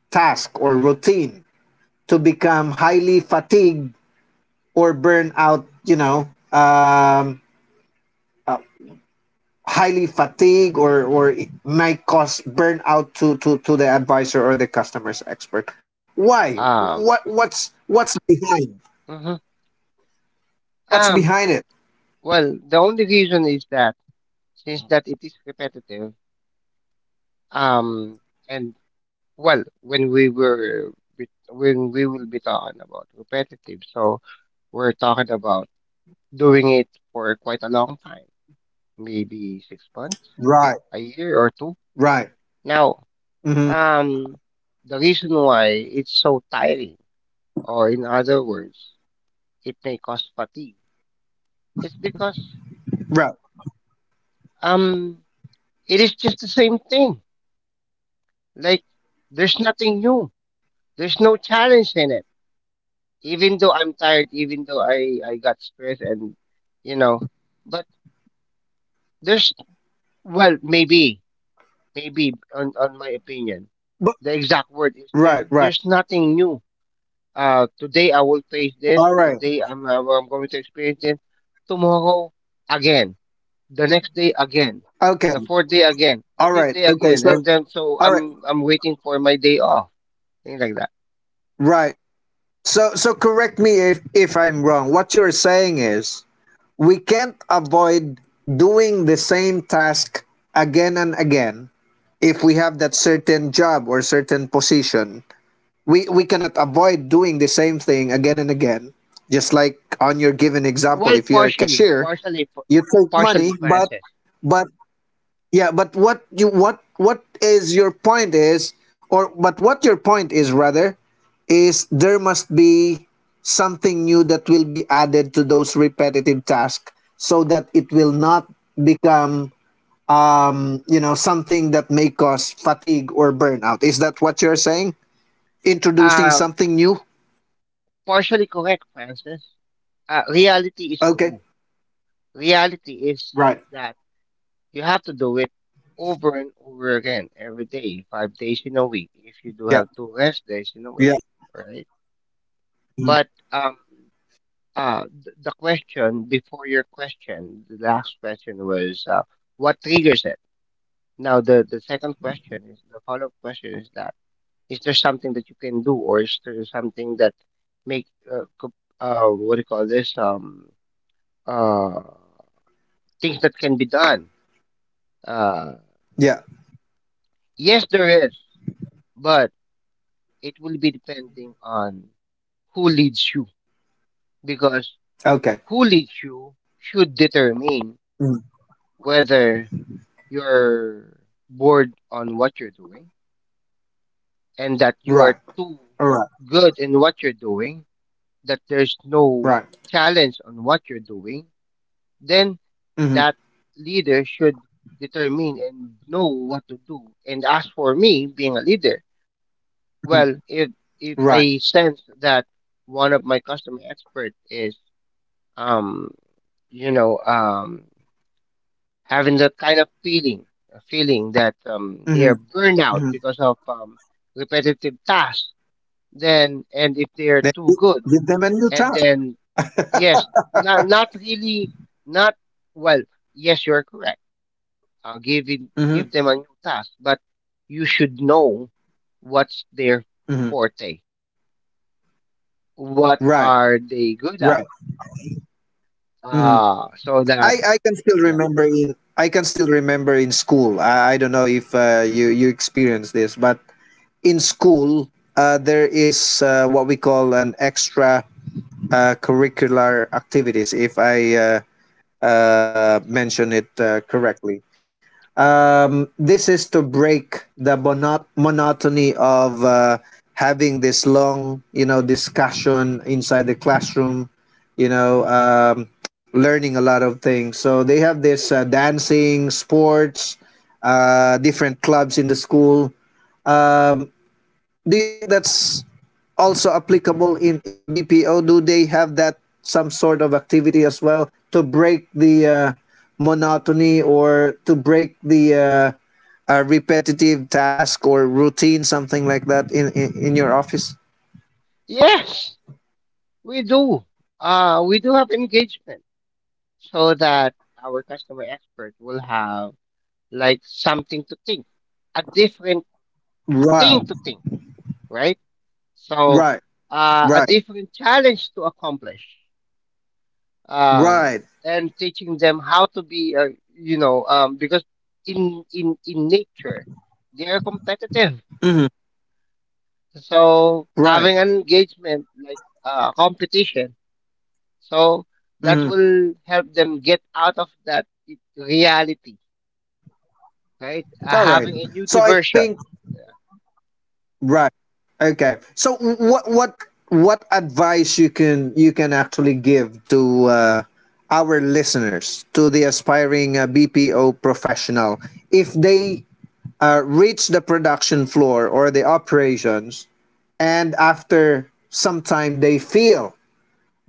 [SPEAKER 1] task or routine to become highly fatigued or burn out, you know, highly fatigued, or it might cause burnout to the advisor or the customer's expert. Why?
[SPEAKER 2] um
[SPEAKER 1] What's behind?
[SPEAKER 2] mhm.
[SPEAKER 1] What's
[SPEAKER 2] um
[SPEAKER 1] behind it?
[SPEAKER 2] well the only reason is that, since that it is repetitive, um and well, when we were, when we will be talking about repetitive, so we're talking about doing it for quite a long time, maybe 6 months,
[SPEAKER 1] Right,
[SPEAKER 2] a year or two.
[SPEAKER 1] right.
[SPEAKER 2] Now,
[SPEAKER 1] hmm
[SPEAKER 2] um, the reason why it's so tiring, or in other words, it may cause fatigue, is because,
[SPEAKER 1] Right.
[SPEAKER 2] um, it is just the same thing. Like, there's nothing new. There's no challenge in it. Even though I'm tired, even though I got stressed and, you know, but there's, well, maybe, maybe, on my opinion,
[SPEAKER 1] But,
[SPEAKER 2] the exact word is there's,
[SPEAKER 1] right,
[SPEAKER 2] there's
[SPEAKER 1] right.
[SPEAKER 2] nothing new. Today I will face this.
[SPEAKER 1] All right.
[SPEAKER 2] Today I'm going to experience it. Tomorrow again. The next day again.
[SPEAKER 1] Okay.
[SPEAKER 2] The fourth day again. The
[SPEAKER 1] All
[SPEAKER 2] fifth
[SPEAKER 1] right.
[SPEAKER 2] day
[SPEAKER 1] Okay.
[SPEAKER 2] again.
[SPEAKER 1] So,
[SPEAKER 2] And then so
[SPEAKER 1] all
[SPEAKER 2] I'm
[SPEAKER 1] right.
[SPEAKER 2] I'm waiting for my day off. Things like that.
[SPEAKER 1] Right. So, so correct me if I'm wrong. What you're saying is we can't avoid doing the same task again and again if we have that certain job or certain position. We cannot avoid doing the same thing again and again. Just like on your given example,
[SPEAKER 2] Well,
[SPEAKER 1] if you're a cashier, you take
[SPEAKER 2] partially,
[SPEAKER 1] money,
[SPEAKER 2] Francis.
[SPEAKER 1] but yeah, but what you what is your point is, or but what your point is rather is there must be something new that will be added to those repetitive tasks so that it will not become, you know, something that may cause fatigue or burnout. Is that what you're saying? Introducing
[SPEAKER 2] Uh,
[SPEAKER 1] something new?
[SPEAKER 2] Partially correct, Francis. Reality is
[SPEAKER 1] Okay.
[SPEAKER 2] true. Reality is
[SPEAKER 1] Right.
[SPEAKER 2] that you have to do it over and over again every day, 5 days in a week. If you do
[SPEAKER 1] Yeah.
[SPEAKER 2] have two rest days in a week,
[SPEAKER 1] Yeah.
[SPEAKER 2] right?
[SPEAKER 1] Mhm.
[SPEAKER 2] But the question before your question, the last question was, what triggers it? Now, the second question is the follow up question is that, is there something that you can do, or is there something that make uh, co- what do you call this? Uh, things that can be done. Uh,
[SPEAKER 1] Yeah.
[SPEAKER 2] yes, there is, but it will be depending on who leads you, because
[SPEAKER 1] Okay.
[SPEAKER 2] who leads you should determine
[SPEAKER 1] Mhm.
[SPEAKER 2] whether you're bored on what you're doing, and that you
[SPEAKER 1] Right.
[SPEAKER 2] are too
[SPEAKER 1] All right.
[SPEAKER 2] good in what you're doing, that there's no
[SPEAKER 1] Right.
[SPEAKER 2] challenge on what you're doing, then
[SPEAKER 1] Mhm.
[SPEAKER 2] that leader should determine and know what to do. And as for me being a leader,
[SPEAKER 1] Mhm.
[SPEAKER 2] well, if
[SPEAKER 1] Right.
[SPEAKER 2] I sense that one of my customer expert is, um you know um having that kind of feeling, a feeling that they are
[SPEAKER 1] Mm-hmm.
[SPEAKER 2] burned out
[SPEAKER 1] Mm-hmm.
[SPEAKER 2] because of repetitive tasks. Then, and if they are too good,
[SPEAKER 1] Give them a new
[SPEAKER 2] and
[SPEAKER 1] task.
[SPEAKER 2] then yes, not not really, not, well. Yes, you're correct. Uh, give it, give
[SPEAKER 1] hmm
[SPEAKER 2] them a new task, but you should know what's their
[SPEAKER 1] hmm
[SPEAKER 2] forte. What
[SPEAKER 1] Right,
[SPEAKER 2] are they good
[SPEAKER 1] right.
[SPEAKER 2] at?
[SPEAKER 1] hmm
[SPEAKER 2] So that
[SPEAKER 1] I can still
[SPEAKER 2] yeah,
[SPEAKER 1] remember in I can still remember in school. I don't know if you you experienced this, but in school there is what we call an extra curricular activities. If I mention it correctly. This is to break the monotony of having this long, you know, discussion inside the classroom, you know, learning a lot of things. So they have this dancing, sports, different clubs in the school. Um, do you think that's also applicable in BPO? Do they have that some sort of activity as well to break the monotony or to break the repetitive task or routine, something like that in your office?
[SPEAKER 2] yes, we do. We do have engagement so that our customer expert will have like something to think, a different thing
[SPEAKER 1] Right,
[SPEAKER 2] to think, right? So
[SPEAKER 1] right,
[SPEAKER 2] a
[SPEAKER 1] right,
[SPEAKER 2] different challenge to accomplish, uh,
[SPEAKER 1] right,
[SPEAKER 2] and teaching them how to be, because in nature they are competitive.
[SPEAKER 1] hmm
[SPEAKER 2] So
[SPEAKER 1] right.
[SPEAKER 2] having an engagement like competition, so that
[SPEAKER 1] Mhm.
[SPEAKER 2] will help them get out of that reality, right?
[SPEAKER 1] All right.
[SPEAKER 2] Having a new
[SPEAKER 1] So I
[SPEAKER 2] diversion.
[SPEAKER 1] think
[SPEAKER 2] Yeah.
[SPEAKER 1] right. Okay. So what advice you can actually give to our listeners, to the aspiring BPO professional, if they reach the production floor or the operations and after some time they feel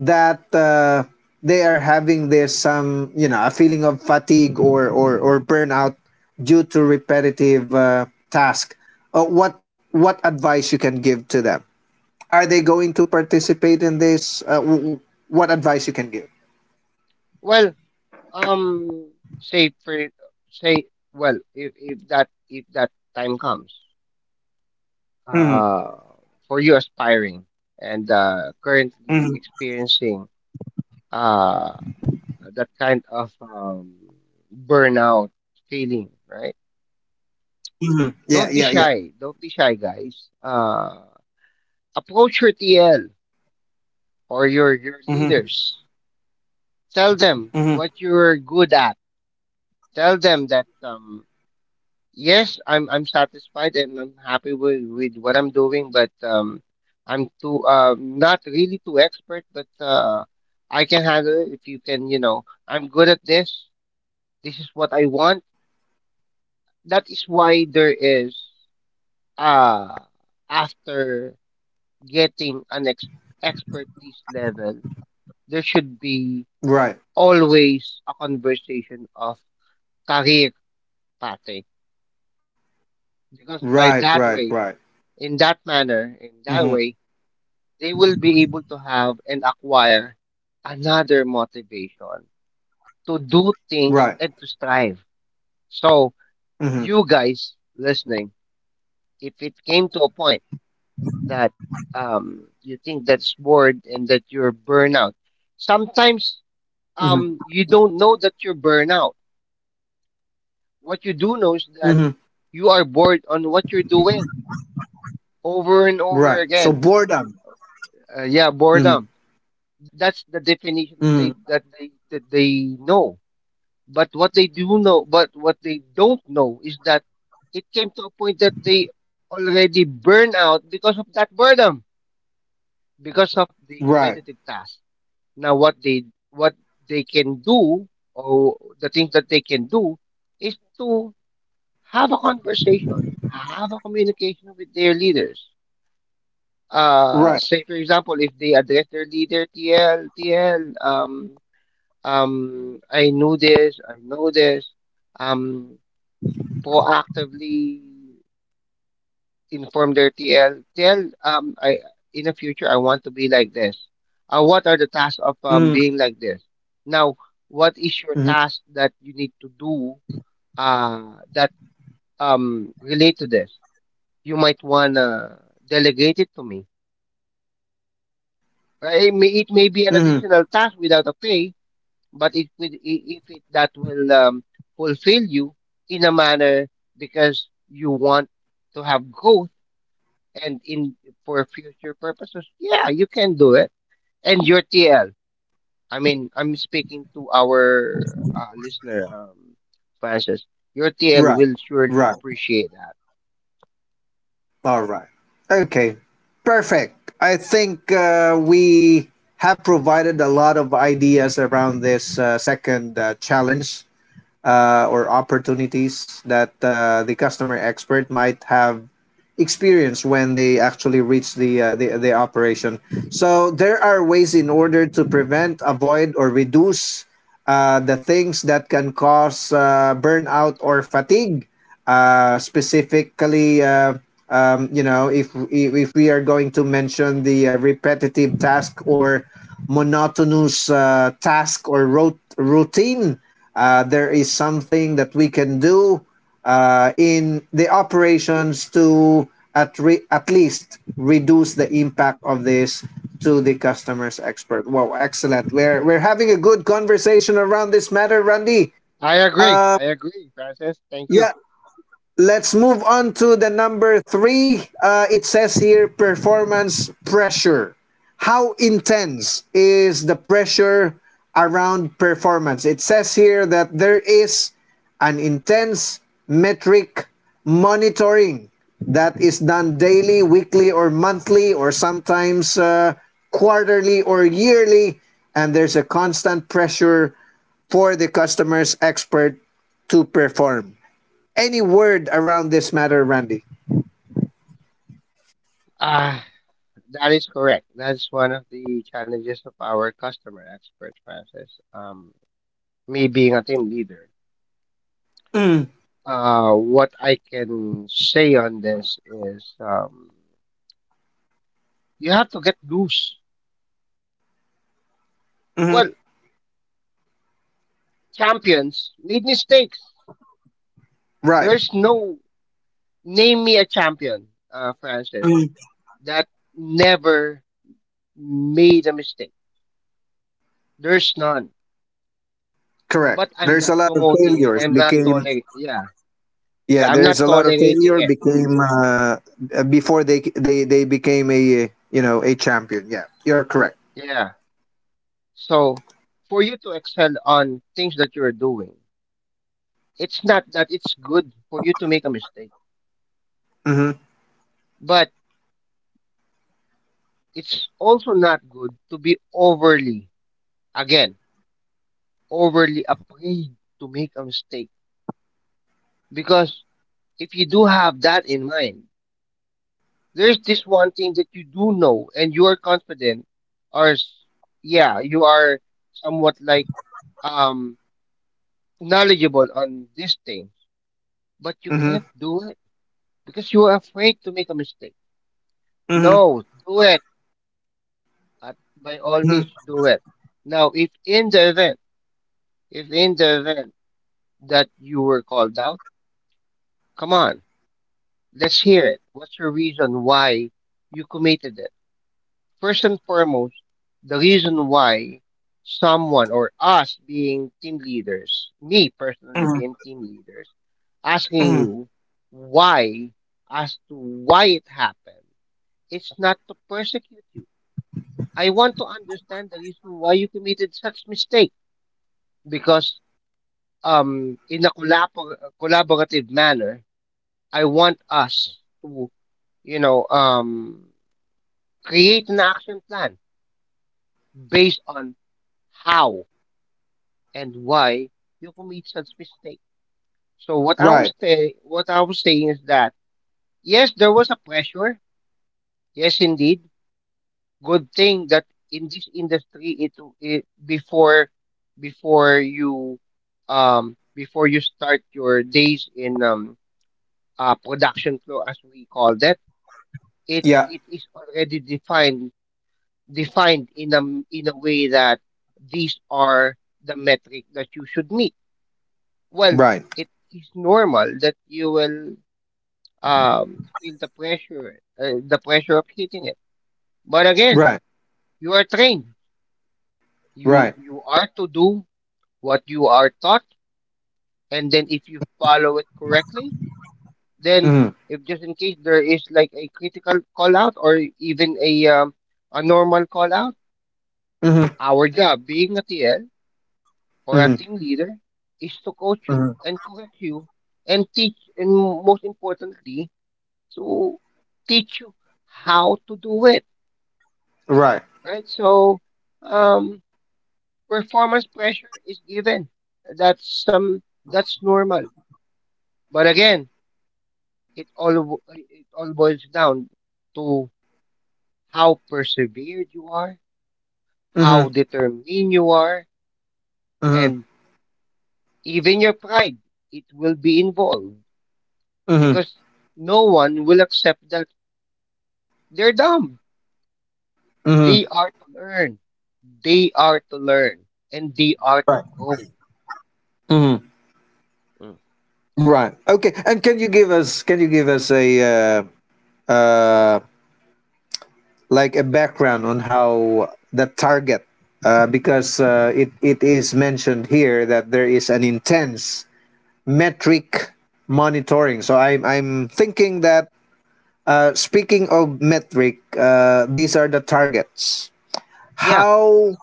[SPEAKER 1] that they are having this some, you know, a feeling of fatigue or burnout due to repetitive task. What advice you can give to them? Are they going to participate in this what advice you can give?
[SPEAKER 2] Well, um, say for say, well, if that time comes,
[SPEAKER 1] Hmm
[SPEAKER 2] uh, for you aspiring and currently
[SPEAKER 1] hmm
[SPEAKER 2] experiencing uh that kind of burnout feeling, right?
[SPEAKER 1] hmm yeah
[SPEAKER 2] Don't be
[SPEAKER 1] yeah yeah
[SPEAKER 2] shy. Don't be shy, guys. Approach your TL or your
[SPEAKER 1] hmm
[SPEAKER 2] leaders. Tell them
[SPEAKER 1] hmm
[SPEAKER 2] what you're good at, tell them that, yes, I'm satisfied and I'm happy with what I'm doing, but I'm too not really too expert, but I can handle it if you can, you know, I'm good at this. This is what I want. That is why there is uh after getting an ex expertise level, there should be
[SPEAKER 1] right
[SPEAKER 2] always a conversation of career pathing, because by
[SPEAKER 1] right
[SPEAKER 2] that
[SPEAKER 1] right
[SPEAKER 2] way, in that manner, in that
[SPEAKER 1] hmm
[SPEAKER 2] way, they will be able to have and acquire another motivation to do things and
[SPEAKER 1] right
[SPEAKER 2] to strive. So, you
[SPEAKER 1] hmm
[SPEAKER 2] guys listening, if it came to a point that, you think that's bored and that you're burnout, sometimes,
[SPEAKER 1] hmm
[SPEAKER 2] you don't know that you're burnout. What you do know is that
[SPEAKER 1] hmm
[SPEAKER 2] you are bored on what you're doing over and over
[SPEAKER 1] right so
[SPEAKER 2] again.
[SPEAKER 1] boredom
[SPEAKER 2] Yeah, boredom.
[SPEAKER 1] hmm
[SPEAKER 2] That that's the definition that they
[SPEAKER 1] hmm
[SPEAKER 2] that they that they know. But what they do know, but what they don't know is that it came to a point that they already burn out because of that boredom, because of the
[SPEAKER 1] right
[SPEAKER 2] repetitive task. Now, what they can do, or the things that they can do, is to have a conversation, have a communication with their leaders.
[SPEAKER 1] right
[SPEAKER 2] Say for example, if they address their leader, TL, TL, I knew this, I know this. Um, Proactively inform their TL, TL, I in the future I want to be like this. What are the tasks of
[SPEAKER 1] hmm
[SPEAKER 2] being like this? Now, what is your task that you need to do, uh, that relate to this? You might wanna delegate it to me. It may be an
[SPEAKER 1] hmm
[SPEAKER 2] additional task without a pay, but it will if it that will, fulfill you in a manner, because you want to have growth and in for future purposes, yeah, you can do it. And your TL, I mean, I'm speaking to our listener, Francis. Your
[SPEAKER 1] Right,
[SPEAKER 2] TL will
[SPEAKER 1] right,
[SPEAKER 2] surely appreciate that.
[SPEAKER 1] all right. Okay, perfect. I think we have provided a lot of ideas around this second challenge or opportunities that the customer expert might have experience when they actually reach the operation. So there are ways in order to prevent, avoid, or reduce the things that can cause burnout or fatigue, specifically you know, if we are going to mention the repetitive task or monotonous task routine, there is something that we can do in the operations to, at least, reduce the impact of this to the customer's expert. Wow, excellent. We're having a good conversation around this matter, Randy.
[SPEAKER 2] I agree. I agree, Francis. Thank you.
[SPEAKER 1] Yeah. Let's move on to the number three. It says here performance pressure. How intense is the pressure around performance? It says here that there is an intense metric monitoring that is done daily, weekly, or monthly, or sometimes quarterly or yearly. And there's a constant pressure for the customer's expert to perform. Any word around this matter, Randy?
[SPEAKER 2] Ah, that is correct. That's one of the challenges of our customer expert, Francis. Me being a team leader.
[SPEAKER 1] Mm,
[SPEAKER 2] What I can say on this is, you have to get loose.
[SPEAKER 1] mhm.
[SPEAKER 2] Well, champions made mistakes.
[SPEAKER 1] Right.
[SPEAKER 2] There's no, name me a champion, Francis,
[SPEAKER 1] Mm.
[SPEAKER 2] that never made a mistake. There's none.
[SPEAKER 1] Correct.
[SPEAKER 2] But I'm
[SPEAKER 1] There's a
[SPEAKER 2] not
[SPEAKER 1] lot of
[SPEAKER 2] promoting it.
[SPEAKER 1] failures
[SPEAKER 2] I'm not
[SPEAKER 1] became
[SPEAKER 2] tolerating. Yeah,
[SPEAKER 1] yeah.
[SPEAKER 2] yeah. I'm
[SPEAKER 1] There's
[SPEAKER 2] not
[SPEAKER 1] a lot of
[SPEAKER 2] tolerating
[SPEAKER 1] failure
[SPEAKER 2] it.
[SPEAKER 1] became before they became, a you know, a champion. Yeah, you're correct.
[SPEAKER 2] Yeah. So for you to excel on things that you're doing, it's not that it's good for you to make a mistake,
[SPEAKER 1] hmm
[SPEAKER 2] but it's also not good to be overly, again, overly afraid to make a mistake, because if you do have that in mind, there's this one thing that you do know and you are confident, or yeah, you are somewhat like um knowledgeable on this thing, but you can't
[SPEAKER 1] hmm
[SPEAKER 2] do it because you are afraid to make a mistake.
[SPEAKER 1] Mhm,
[SPEAKER 2] No, do it. At, by all
[SPEAKER 1] mhm,
[SPEAKER 2] means, do it. Now, if in the event, if in the event that you were called out, come on, let's hear it. What's your reason why you committed it? First and foremost, the reason why someone or us being team leaders, me personally
[SPEAKER 1] mhm,
[SPEAKER 2] being team leaders, asking
[SPEAKER 1] mhm.
[SPEAKER 2] you why, as to why it happened, it's not to persecute you. I want to understand the reason why you committed such mistake, because in a collaborative manner, I want us to you know um create an action plan based on how and why you commit such mistake. So
[SPEAKER 1] Right.
[SPEAKER 2] what I was saying is that yes, there was a pressure. Yes, indeed. Good thing that in this industry, it before you before you start your days in production flow, as we call that, it
[SPEAKER 1] Yeah.
[SPEAKER 2] it is already defined, defined in a way that these are the metric that you should meet. Well,
[SPEAKER 1] Right.
[SPEAKER 2] it is normal that you will um, feel the pressure of hitting it. But again,
[SPEAKER 1] Right.
[SPEAKER 2] you are trained. You
[SPEAKER 1] Right.
[SPEAKER 2] you are to do what you are taught, and then if you follow it correctly, then
[SPEAKER 1] hmm
[SPEAKER 2] if just in case there is like a critical call out or even a normal call out,
[SPEAKER 1] hmm
[SPEAKER 2] our job being a TL or a
[SPEAKER 1] hmm
[SPEAKER 2] team leader is to coach you
[SPEAKER 1] hmm
[SPEAKER 2] and correct you and teach, and most importantly, to teach you how to do it,
[SPEAKER 1] Right.
[SPEAKER 2] right? So, um, performance pressure is given. That's some that's normal. But again, it all boils down to how persevered you are,
[SPEAKER 1] hmm
[SPEAKER 2] how determined you are,
[SPEAKER 1] hmm hmm
[SPEAKER 2] and even your pride. It will be involved because no one will accept that they're dumb.
[SPEAKER 1] hmm
[SPEAKER 2] They are to learn. They are to learn and they are to
[SPEAKER 1] Right.
[SPEAKER 2] grow.
[SPEAKER 1] Right. Okay. And can you give us, can you give us a uh, uh, like a background on how the target because it, it is mentioned here that there is an intense metric monitoring. So I'm thinking that speaking of metric, these are the targets.
[SPEAKER 2] Yeah.
[SPEAKER 1] how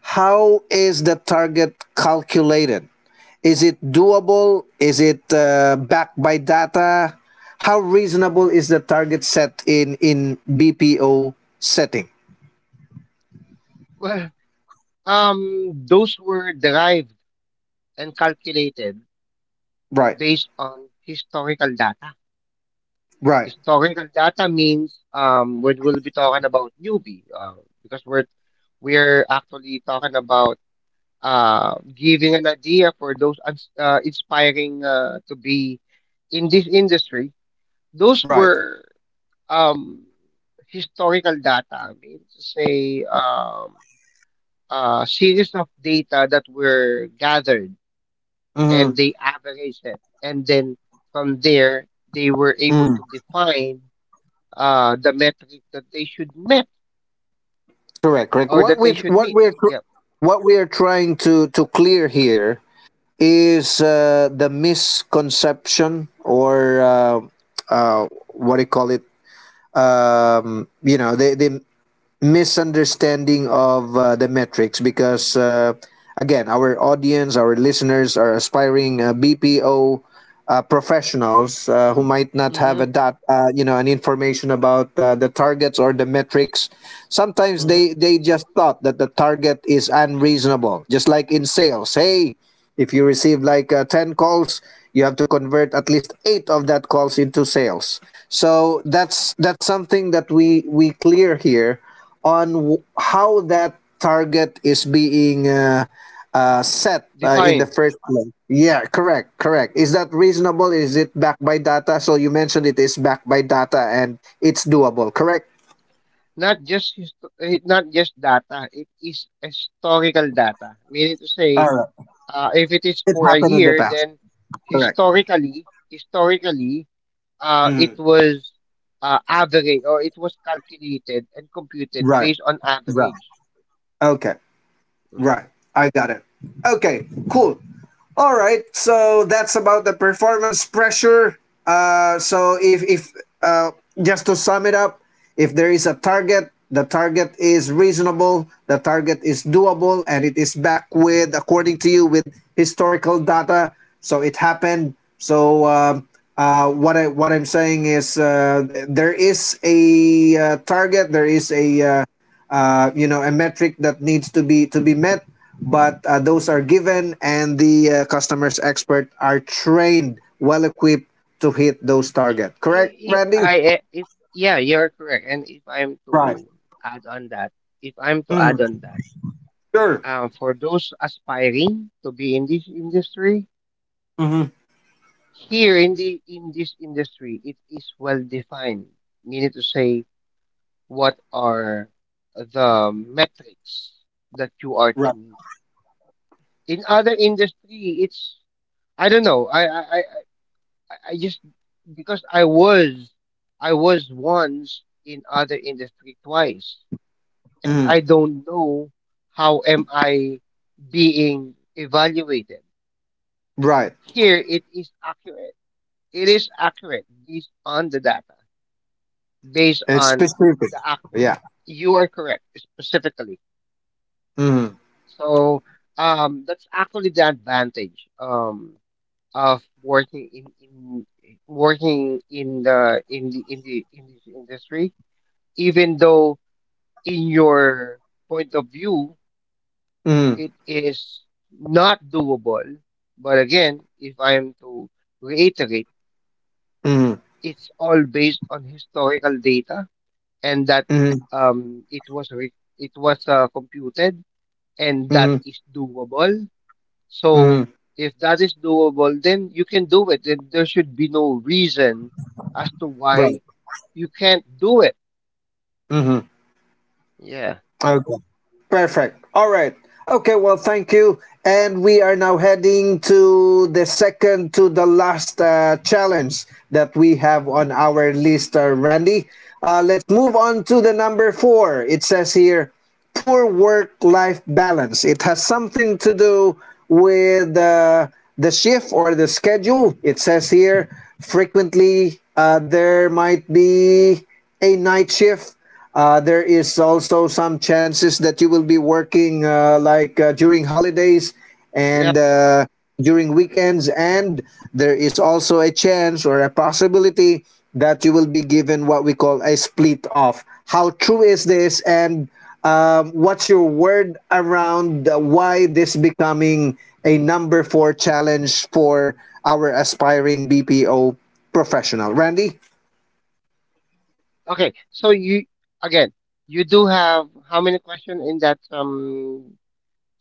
[SPEAKER 1] how is the target calculated? Is it doable? Is it backed by data? How reasonable is the target set in BPO setting?
[SPEAKER 2] Well, those were derived and calculated
[SPEAKER 1] Right.
[SPEAKER 2] based on historical data.
[SPEAKER 1] Right.
[SPEAKER 2] Historical data means, when we'll be talking about newbie, because we're actually talking about giving an idea for those inspiring to be in this industry. Those
[SPEAKER 1] Right.
[SPEAKER 2] were um, historical data. I mean, to say, a series of data that were gathered
[SPEAKER 1] Mm-hmm.
[SPEAKER 2] and they averaged it. And then from there, they were able
[SPEAKER 1] Mm.
[SPEAKER 2] to define the metric that they should met
[SPEAKER 1] Correct. Correct.
[SPEAKER 2] or
[SPEAKER 1] What
[SPEAKER 2] that
[SPEAKER 1] we
[SPEAKER 2] they should
[SPEAKER 1] what
[SPEAKER 2] meet.
[SPEAKER 1] we're tr-
[SPEAKER 2] Yep.
[SPEAKER 1] What we are trying to clear here is the misconception or what do you call it? You know, the misunderstanding of the metrics because again, our audience, our listeners are aspiring BPO professionals who might not have
[SPEAKER 2] Hmm,
[SPEAKER 1] a dot, you know, an information about the targets or the metrics. Sometimes
[SPEAKER 2] hmm.
[SPEAKER 1] they just thought that the target is unreasonable. Just like in sales, hey, if you receive like 10 calls, you have to convert at least 8 of that calls into sales. So that's something that we clear here on how that target is being set in the
[SPEAKER 2] Define,
[SPEAKER 1] first place. Yeah, correct, correct. Is that reasonable? Is it backed by data? So you mentioned it is backed by data and it's doable, correct?
[SPEAKER 2] not just not just data. It is historical data. Meaning to say,
[SPEAKER 1] All right.
[SPEAKER 2] if it is
[SPEAKER 1] It
[SPEAKER 2] for a
[SPEAKER 1] happened in the
[SPEAKER 2] year,
[SPEAKER 1] past.
[SPEAKER 2] then
[SPEAKER 1] Correct.
[SPEAKER 2] historically, historically, it
[SPEAKER 1] Mhm.
[SPEAKER 2] was average, or it was calculated and computed
[SPEAKER 1] Right,
[SPEAKER 2] based on
[SPEAKER 1] right.
[SPEAKER 2] average.
[SPEAKER 1] Okay. Right. I got it. Okay, cool. All right. So that's about the performance pressure. So if uh, just to sum it up, if there is a target, the target is reasonable, the target is doable, and it is back, with, according to you, with historical data. So it happened. So what I what I'm saying is there is a target. There is a you know, a metric that needs to be met, but those are given, and the customers expert are trained, well equipped to hit those target, correct,
[SPEAKER 2] I- If
[SPEAKER 1] Randy?
[SPEAKER 2] I, eh, if, yeah, you're correct. And if I'm
[SPEAKER 1] Right.
[SPEAKER 2] to add on that, if I'm to
[SPEAKER 1] Mm.
[SPEAKER 2] add on that,
[SPEAKER 1] Sure.
[SPEAKER 2] for those aspiring to be in this industry,
[SPEAKER 1] hmm
[SPEAKER 2] here in the in this industry, it is well defined. Meaning to say, what are the metrics that you are to
[SPEAKER 1] Right.
[SPEAKER 2] meet? In other industry, it's I don't know. I just because I was once in other industry twice, and
[SPEAKER 1] Mm.
[SPEAKER 2] I don't know how am I being evaluated.
[SPEAKER 1] Right.
[SPEAKER 2] Here it is accurate. It is accurate based on the data, based
[SPEAKER 1] It's
[SPEAKER 2] on
[SPEAKER 1] specific.
[SPEAKER 2] the act.
[SPEAKER 1] Yeah.
[SPEAKER 2] You are correct specifically.
[SPEAKER 1] Mm.
[SPEAKER 2] So that's actually the advantage, of working in working in the in the in the in this industry. Even though in your point of view
[SPEAKER 1] Mm.
[SPEAKER 2] it is not doable. But again, if I am to reiterate,
[SPEAKER 1] Mm.
[SPEAKER 2] it's all based on historical data, and that
[SPEAKER 1] Mm.
[SPEAKER 2] it was it was computed, and that
[SPEAKER 1] Mm.
[SPEAKER 2] is doable. So
[SPEAKER 1] Mm.
[SPEAKER 2] if that is doable, then you can do it. Then there should be no reason as to
[SPEAKER 1] Right.
[SPEAKER 2] why you can't do it.
[SPEAKER 1] Mm-hmm.
[SPEAKER 2] Yeah.
[SPEAKER 1] Okay. Perfect. All right. Okay, well, thank you. And we are now heading to the second to the last challenge that we have on our list, Randy. Let's move on to the number four. It says here poor work life balance. It has something to do with the shift or the schedule. It says here frequently there might be a night shift. There is also some chances that you will be working during holidays and
[SPEAKER 2] Yep.
[SPEAKER 1] uh, during weekends, and there is also a chance or a possibility that you will be given what we call a split off. How true is this, and what's your word around why this becoming a number four challenge for our aspiring BPO professional, Randy?
[SPEAKER 2] Okay. So you, again, you do have how many questions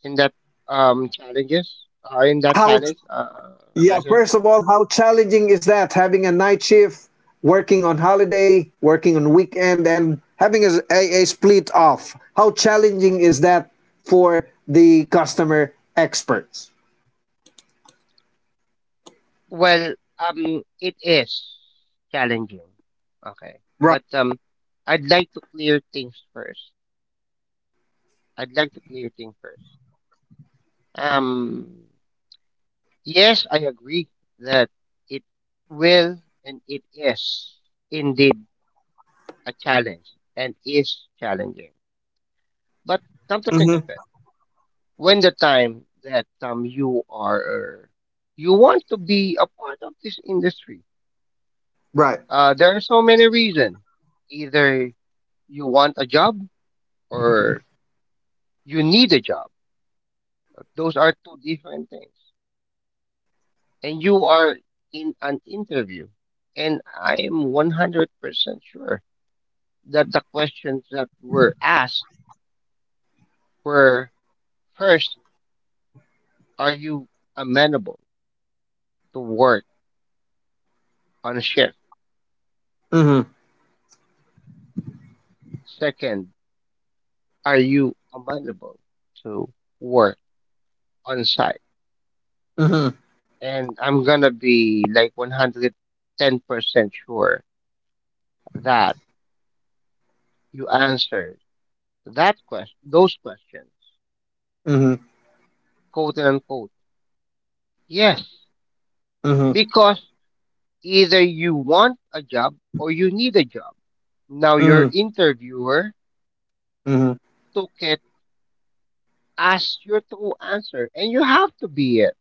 [SPEAKER 2] in that challenges, in that
[SPEAKER 1] How
[SPEAKER 2] challenge,
[SPEAKER 1] Yeah,
[SPEAKER 2] process?
[SPEAKER 1] first of all, how challenging is that having a night shift, working on holiday, working on weekend, and having a split off? How challenging is that for the customer experts?
[SPEAKER 2] Well, it is challenging. Okay,
[SPEAKER 1] Right.
[SPEAKER 2] but I'd like to clear things first. I'd like to clear things first. Um, yes, I agree that it will and it is indeed a challenge and is challenging. But come to think
[SPEAKER 1] Mm-hmm.
[SPEAKER 2] of it, when the time that you are you want to be a part of this industry,
[SPEAKER 1] Right.
[SPEAKER 2] there are so many reasons, either you want a job or you need a job. Those are two different things, and you are in an interview, and I am 100% sure that the questions that were asked were, first, are you amenable to work on a shift?
[SPEAKER 1] Mm-hmm.
[SPEAKER 2] Second, are you available to work on site?
[SPEAKER 1] Mm-hmm.
[SPEAKER 2] And I'm gonna be like 110% sure that you answered that question, those questions,
[SPEAKER 1] Mm-hmm.
[SPEAKER 2] quote and unquote, yes,
[SPEAKER 1] Mm-hmm.
[SPEAKER 2] because either you want a job or you need a job. Now your
[SPEAKER 1] Mm-hmm.
[SPEAKER 2] interviewer
[SPEAKER 1] Mm-hmm.
[SPEAKER 2] took it as your true answer, and you have to be it.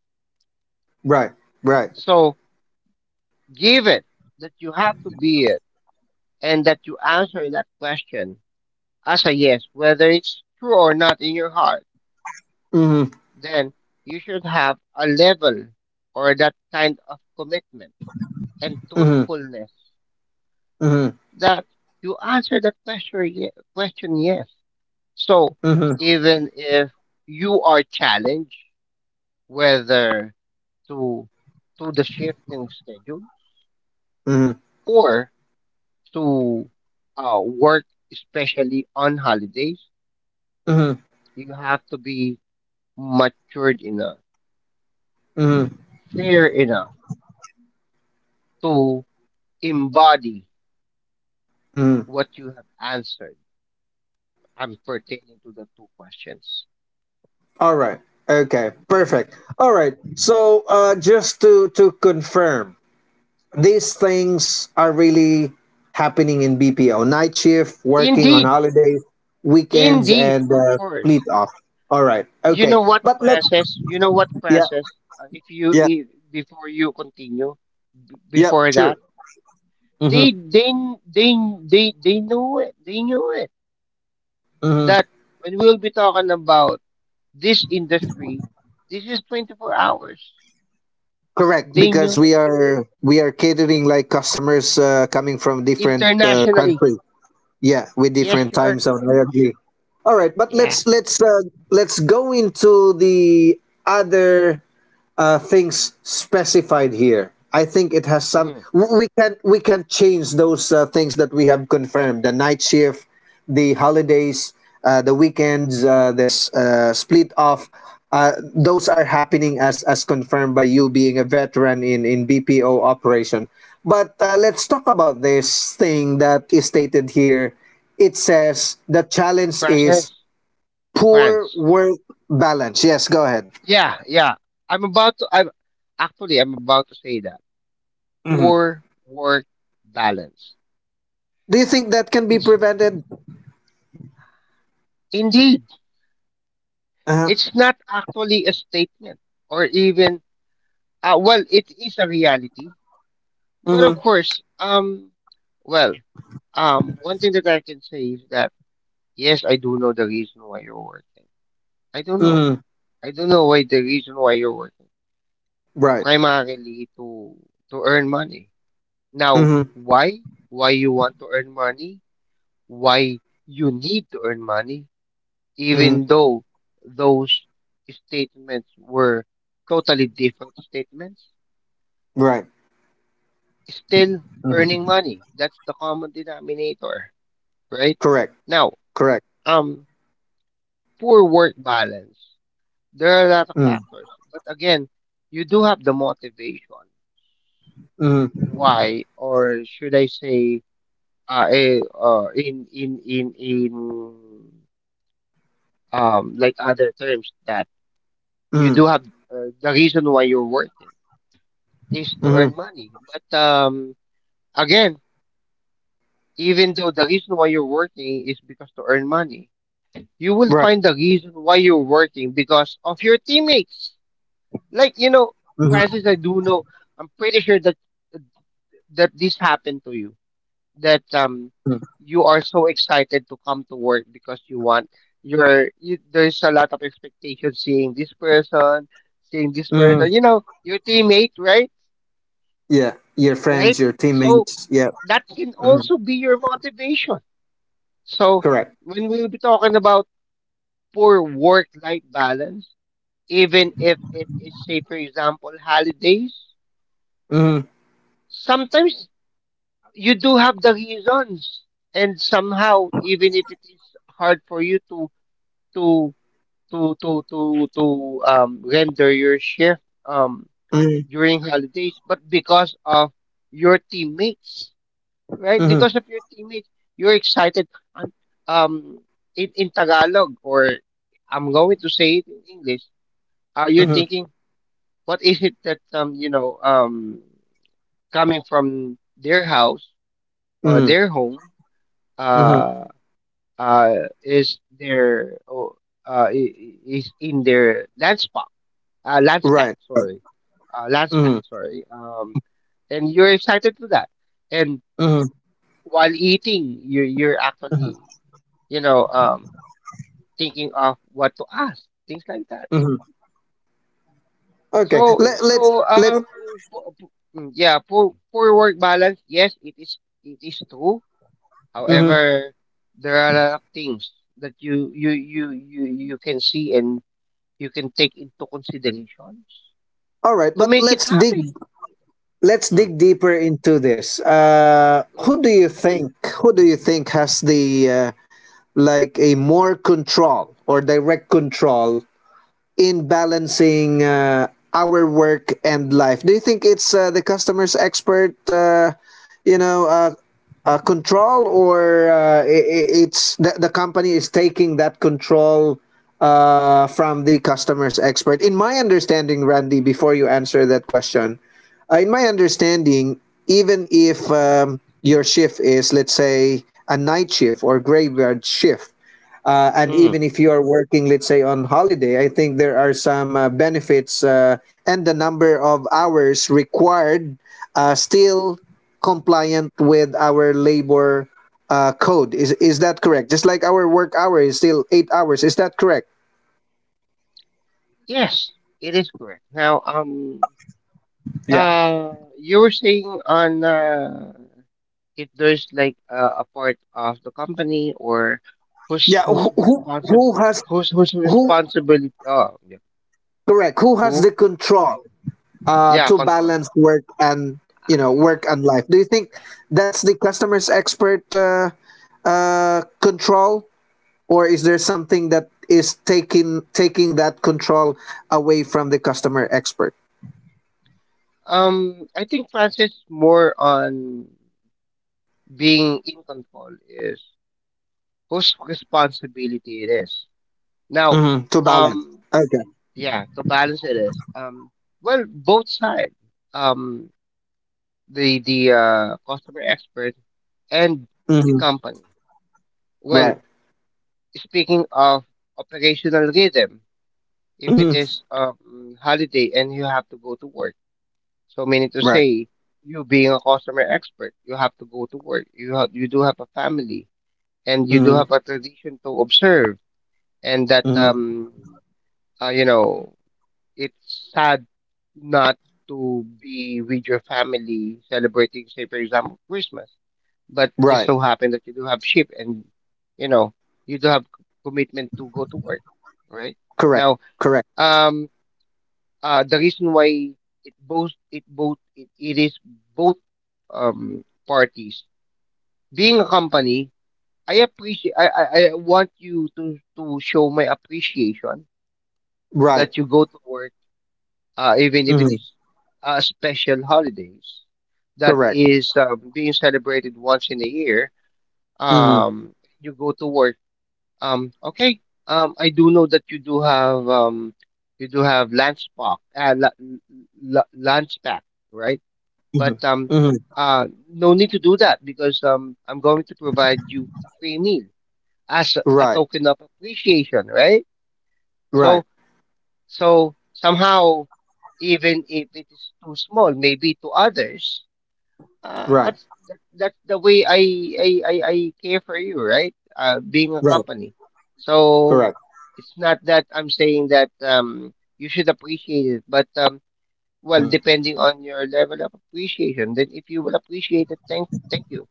[SPEAKER 1] Right. Right.
[SPEAKER 2] So given that you have to be it, and that you answer that question as a yes, whether it's true or not in your heart,
[SPEAKER 1] Mm-hmm.
[SPEAKER 2] then you should have a level or that kind of commitment and
[SPEAKER 1] Mm-hmm.
[SPEAKER 2] truthfulness
[SPEAKER 1] Mm-hmm.
[SPEAKER 2] that you answer that question yes. So
[SPEAKER 1] Mm-hmm. Mm-hmm.
[SPEAKER 2] even if you are challenged, whether to to the shifting schedule
[SPEAKER 1] Mm-hmm.
[SPEAKER 2] or to work, especially on holidays, you have to be matured enough,
[SPEAKER 1] Mm-hmm.
[SPEAKER 2] fair enough to embody
[SPEAKER 1] Mm-hmm.
[SPEAKER 2] what you have answered. I'm pertaining to the two questions.
[SPEAKER 1] All right. Okay. Perfect. All right. So just to confirm, these things are really happening in BPO. Night shift, working on
[SPEAKER 2] Indeed,
[SPEAKER 1] holidays, weekends,
[SPEAKER 2] indeed,
[SPEAKER 1] and
[SPEAKER 2] of
[SPEAKER 1] fleet
[SPEAKER 2] course.
[SPEAKER 1] off. All right.
[SPEAKER 2] You
[SPEAKER 1] Okay.
[SPEAKER 2] know what,
[SPEAKER 1] But let's.
[SPEAKER 2] Francis? You know what,
[SPEAKER 1] Yeah.
[SPEAKER 2] Francis? If you
[SPEAKER 1] Yeah.
[SPEAKER 2] if, before you continue,
[SPEAKER 1] Yeah.
[SPEAKER 2] before that,
[SPEAKER 1] Sure.
[SPEAKER 2] they
[SPEAKER 1] Hmm.
[SPEAKER 2] they they they they knew it. They knew it
[SPEAKER 1] Hmm.
[SPEAKER 2] that when we'll be talking about this industry, this is 24 hours.
[SPEAKER 1] Correct.
[SPEAKER 2] They
[SPEAKER 1] Because
[SPEAKER 2] knew it
[SPEAKER 1] we are catering like customers coming from different
[SPEAKER 2] internationally.
[SPEAKER 1] country. Yeah, with
[SPEAKER 2] Yes,
[SPEAKER 1] different
[SPEAKER 2] you are
[SPEAKER 1] time zone.
[SPEAKER 2] correct.
[SPEAKER 1] I agree. All right, but
[SPEAKER 2] Yeah.
[SPEAKER 1] let's go into the other things specified here. I think it has some.
[SPEAKER 2] Mm.
[SPEAKER 1] We can change those things that we have confirmed: the night shift, the holidays, the weekends, this split off. Those are happening as confirmed by you being a veteran in BPO operation. But let's talk about this thing that is stated here. It says the challenge is
[SPEAKER 2] Francis?
[SPEAKER 1] poor
[SPEAKER 2] France.
[SPEAKER 1] work balance. Yes, go ahead.
[SPEAKER 2] Yeah, yeah. I'm about to. I'm actually. I'm about to say that poor work balance.
[SPEAKER 1] Do you think that can be
[SPEAKER 2] It's
[SPEAKER 1] prevented?
[SPEAKER 2] indeed.
[SPEAKER 1] Uh huh.
[SPEAKER 2] It's not actually a statement, or even. Well, it is a reality.
[SPEAKER 1] Mm
[SPEAKER 2] But
[SPEAKER 1] hmm.
[SPEAKER 2] of course, well, one thing that I can say is that yes, I do know the reason why you're working. I don't
[SPEAKER 1] Mm
[SPEAKER 2] know.
[SPEAKER 1] hmm.
[SPEAKER 2] I don't know why the reason why you're working.
[SPEAKER 1] Right.
[SPEAKER 2] Primarily to earn money.
[SPEAKER 1] Mm
[SPEAKER 2] Now,
[SPEAKER 1] hmm.
[SPEAKER 2] why? Why you want to earn money? Why you need to earn money?
[SPEAKER 1] Mm
[SPEAKER 2] Even
[SPEAKER 1] hmm.
[SPEAKER 2] though those statements were totally different statements,
[SPEAKER 1] Right.
[SPEAKER 2] still
[SPEAKER 1] Mm
[SPEAKER 2] earning
[SPEAKER 1] hmm.
[SPEAKER 2] money. That's the common denominator, right?
[SPEAKER 1] Correct.
[SPEAKER 2] Now,
[SPEAKER 1] Correct.
[SPEAKER 2] um, poor work balance. There are a lot of
[SPEAKER 1] Mm
[SPEAKER 2] factors, but again, you do have the motivation.
[SPEAKER 1] hmm. Mm hmm.
[SPEAKER 2] Why, or should I say, in in like other terms, that you
[SPEAKER 1] Mm
[SPEAKER 2] do have the reason why you're working is to
[SPEAKER 1] hmm.
[SPEAKER 2] earn money. But again, even though the reason why you're working is because to earn money, you will
[SPEAKER 1] Right.
[SPEAKER 2] find the reason why you're working because of your teammates. Like, you know,
[SPEAKER 1] Mm
[SPEAKER 2] Francis,
[SPEAKER 1] hmm.
[SPEAKER 2] I do know. I'm pretty sure that this happened to you, that
[SPEAKER 1] Mm
[SPEAKER 2] you are so excited to come to work because you want your you, there's a lot of expectation seeing this
[SPEAKER 1] hmm.
[SPEAKER 2] person, you know, your teammate, right?
[SPEAKER 1] Yeah. Your friends,
[SPEAKER 2] Right?
[SPEAKER 1] your
[SPEAKER 2] So
[SPEAKER 1] teammates. Yeah.
[SPEAKER 2] that can
[SPEAKER 1] Mm hmm.
[SPEAKER 2] also be your motivation. So
[SPEAKER 1] Correct.
[SPEAKER 2] when we'll be talking about poor work-life balance, even if it is, say, for example, holidays,
[SPEAKER 1] Mm
[SPEAKER 2] sometimes you do have the reasons, and somehow, even if it is hard for you to to to to to to render your shift um
[SPEAKER 1] hmm. Mm
[SPEAKER 2] during holidays, but because of your teammates,
[SPEAKER 1] hmm.
[SPEAKER 2] right, because
[SPEAKER 1] Mm
[SPEAKER 2] of your teammates, you're excited, and um in Tagalog, or I'm going to say it in English,
[SPEAKER 1] hmm.
[SPEAKER 2] you're
[SPEAKER 1] Mm
[SPEAKER 2] thinking what is it that coming from their house or their home
[SPEAKER 1] hmm. Mm hmm.
[SPEAKER 2] uh uh is their or is in their land, Lance Pack,
[SPEAKER 1] Right.
[SPEAKER 2] sorry, Lance Pack,
[SPEAKER 1] Mm
[SPEAKER 2] sorry. And you're excited for that. And
[SPEAKER 1] hmm. Mm
[SPEAKER 2] while eating, you're actually, you know, thinking of what to ask, things like that.
[SPEAKER 1] hmm. Mm hmm. Okay.
[SPEAKER 2] So
[SPEAKER 1] Let Let's
[SPEAKER 2] so,
[SPEAKER 1] Let's.
[SPEAKER 2] po- po- yeah, poor work balance. Yes, it is true.
[SPEAKER 1] Mm hmm.
[SPEAKER 2] However, there are a lot of things that you you can see and you can take into considerations
[SPEAKER 1] All right,
[SPEAKER 2] to
[SPEAKER 1] but
[SPEAKER 2] make it
[SPEAKER 1] let's dig
[SPEAKER 2] happy.
[SPEAKER 1] let's
[SPEAKER 2] Mm,
[SPEAKER 1] dig deeper into this.
[SPEAKER 2] mm,
[SPEAKER 1] Who do you think? Who do you think has the like a more control or direct control in balancing our work and life? Do you think it's the customer's expert, you know, uh, control, or it's the company is taking that control from the customer's expert? In my understanding, Randy, before you answer that question, in my understanding, even if your shift is, let's say, a night shift or graveyard shift, and
[SPEAKER 2] mm.
[SPEAKER 1] even if you are working, let's say, on holiday, I think there are some benefits, and the number of hours required still compliant with our labor code. Is that correct? Just like our work hour is still 8 hours. Is that correct?
[SPEAKER 2] Yes, it is correct. Now,
[SPEAKER 1] Yeah.
[SPEAKER 2] uh, you were saying on, if there's like a part of the company or
[SPEAKER 1] Yeah.
[SPEAKER 2] who's
[SPEAKER 1] Who
[SPEAKER 2] responsible,
[SPEAKER 1] has
[SPEAKER 2] who's
[SPEAKER 1] who
[SPEAKER 2] responsibility. Oh, yeah.
[SPEAKER 1] correct? Who has
[SPEAKER 2] Who?
[SPEAKER 1] the control
[SPEAKER 2] Yeah,
[SPEAKER 1] to
[SPEAKER 2] control.
[SPEAKER 1] balance work and you know work and life? Do you think that's the customer's expert control or is there something that is taking that control away from the customer expert?
[SPEAKER 2] I think Francis more on being in control is whose responsibility it is. Now,
[SPEAKER 1] Mhm, to balance.
[SPEAKER 2] um,
[SPEAKER 1] Okay.
[SPEAKER 2] yeah, to balance it is, well, both sides. Um, the customer expert and the
[SPEAKER 1] Hmm.
[SPEAKER 2] company. Well,
[SPEAKER 1] Right.
[SPEAKER 2] speaking of operational rhythm, if it
[SPEAKER 1] Hmm.
[SPEAKER 2] is holiday and you have to go to work, so meaning to
[SPEAKER 1] Right.
[SPEAKER 2] say, you being a customer expert, you have to go to work. You do have a family and you do
[SPEAKER 1] Hmm.
[SPEAKER 2] have a tradition to observe, and that
[SPEAKER 1] Hmm.
[SPEAKER 2] um uh, you know it's sad not to be with your family celebrating, say for example, Christmas, but just
[SPEAKER 1] Right.
[SPEAKER 2] so happen that you do have sheep and, you know, you do have commitment to go to work, right?
[SPEAKER 1] Correct.
[SPEAKER 2] Now,
[SPEAKER 1] Correct.
[SPEAKER 2] um the reason why it is both parties, being a company, I appreciate I want you to show my appreciation
[SPEAKER 1] Right.
[SPEAKER 2] that you go to work, even if it
[SPEAKER 1] Hmm.
[SPEAKER 2] is special holidays that
[SPEAKER 1] Correct.
[SPEAKER 2] is being celebrated once in a year,
[SPEAKER 1] Hmm.
[SPEAKER 2] um you go to work. Okay. I do know that you do have lunch pack, lunch pack, right?
[SPEAKER 1] Hmm.
[SPEAKER 2] But
[SPEAKER 1] Hmm.
[SPEAKER 2] uh, no need to do that because I'm going to provide you a free meal as a
[SPEAKER 1] Right.
[SPEAKER 2] token of appreciation, right?
[SPEAKER 1] Right.
[SPEAKER 2] So, so somehow, even if it is too small, maybe to others,
[SPEAKER 1] Right.
[SPEAKER 2] but that's the way I care for you, right? Being a
[SPEAKER 1] Right.
[SPEAKER 2] company. So
[SPEAKER 1] Correct.
[SPEAKER 2] it's not that I'm saying that you should appreciate it, but well,
[SPEAKER 1] Hmm.
[SPEAKER 2] depending on your level of appreciation, then if you will appreciate it, thank you.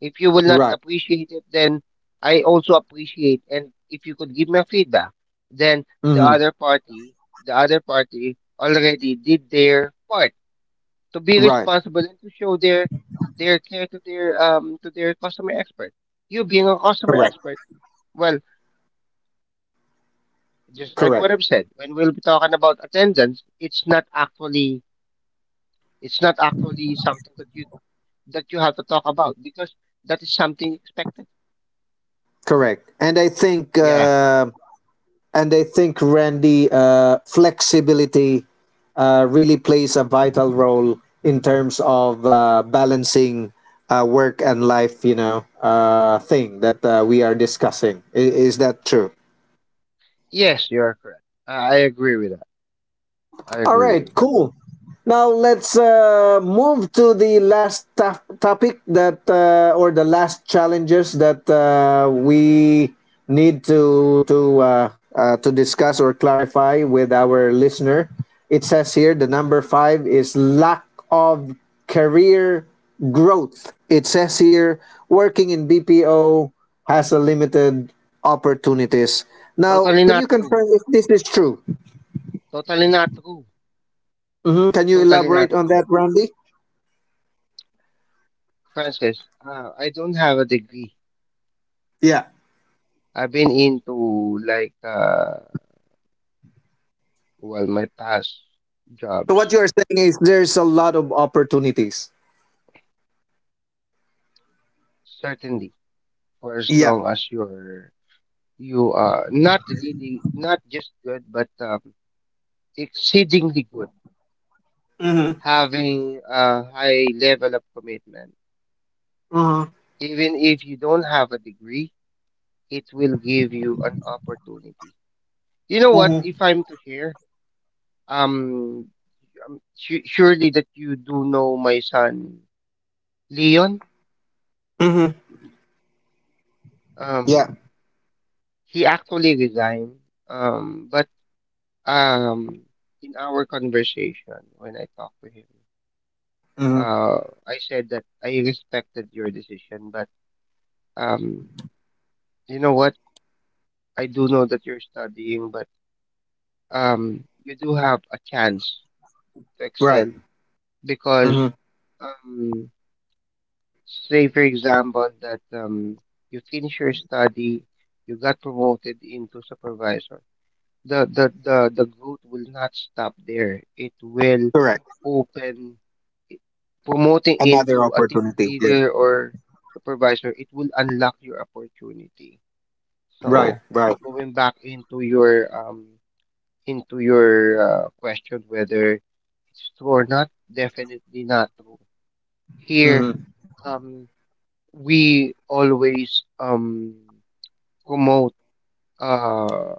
[SPEAKER 2] If you will not
[SPEAKER 1] Right.
[SPEAKER 2] appreciate it, then I also appreciate. And if you could give me a feedback, then the
[SPEAKER 1] Hmm.
[SPEAKER 2] other party, the other party already did their part to be
[SPEAKER 1] Right.
[SPEAKER 2] responsible and to show their care to their customer expert. You being a customer
[SPEAKER 1] Correct.
[SPEAKER 2] expert, well, just like
[SPEAKER 1] Correct.
[SPEAKER 2] what I've
[SPEAKER 1] Correct.
[SPEAKER 2] said, when we'll be talking about attendance, it's not actually something that you have to talk about because that is something expected.
[SPEAKER 1] and i think
[SPEAKER 2] Yeah.
[SPEAKER 1] um And I think, Randy, flexibility really plays a vital role in terms of balancing work and life, you know, thing that we are discussing. Is that true?
[SPEAKER 2] Yes, you're correct. I agree with that. I
[SPEAKER 1] All
[SPEAKER 2] agree
[SPEAKER 1] right,
[SPEAKER 2] with that.
[SPEAKER 1] cool. Now let's move to the last topic that or the last challenges that we need to discuss or clarify with our listener. It says here the number five is lack of career growth. It says here working in BPO has a limited opportunities. Now,
[SPEAKER 2] Totally
[SPEAKER 1] can you
[SPEAKER 2] not true.
[SPEAKER 1] confirm if this is true?
[SPEAKER 2] Totally not true.
[SPEAKER 1] Hmm. Can you
[SPEAKER 2] Totally not
[SPEAKER 1] elaborate on
[SPEAKER 2] true.
[SPEAKER 1] that, Randy?
[SPEAKER 2] Francis, I don't have a degree.
[SPEAKER 1] Yeah.
[SPEAKER 2] I've been into well, my past
[SPEAKER 1] So
[SPEAKER 2] jobs
[SPEAKER 1] what you are saying is there's a lot of opportunities.
[SPEAKER 2] certainly, for as
[SPEAKER 1] Yeah.
[SPEAKER 2] long as you are not really not just good but exceedingly good,
[SPEAKER 1] Mm-hmm.
[SPEAKER 2] having a high level of commitment.
[SPEAKER 1] Mm-hmm.
[SPEAKER 2] Even if you don't have a degree, it will give you an opportunity. You know what?
[SPEAKER 1] Mm-hmm.
[SPEAKER 2] If I'm to share, um, surely that you do know my son Leon.
[SPEAKER 1] Mm-hmm. Yeah.
[SPEAKER 2] Um, he actually resigned. But Um, in our conversation when I talked to him,
[SPEAKER 1] Mm-hmm.
[SPEAKER 2] I said that I respected your decision, but um, you know what? I do know that you're studying, but you do have a chance to
[SPEAKER 1] Right.
[SPEAKER 2] excel because
[SPEAKER 1] Mm-hmm.
[SPEAKER 2] um, say for example that you finish your study, you got promoted into supervisor. The growth will not stop there. It will
[SPEAKER 1] Correct.
[SPEAKER 2] open promoting
[SPEAKER 1] Another
[SPEAKER 2] into a team
[SPEAKER 1] opportunity. Yeah.
[SPEAKER 2] leader or supervisor, it will unlock your opportunity.
[SPEAKER 1] Right.
[SPEAKER 2] So
[SPEAKER 1] Right.
[SPEAKER 2] going back into your question whether it's true or not, definitely not true. Here,
[SPEAKER 1] Mm-hmm.
[SPEAKER 2] um, we always promote uh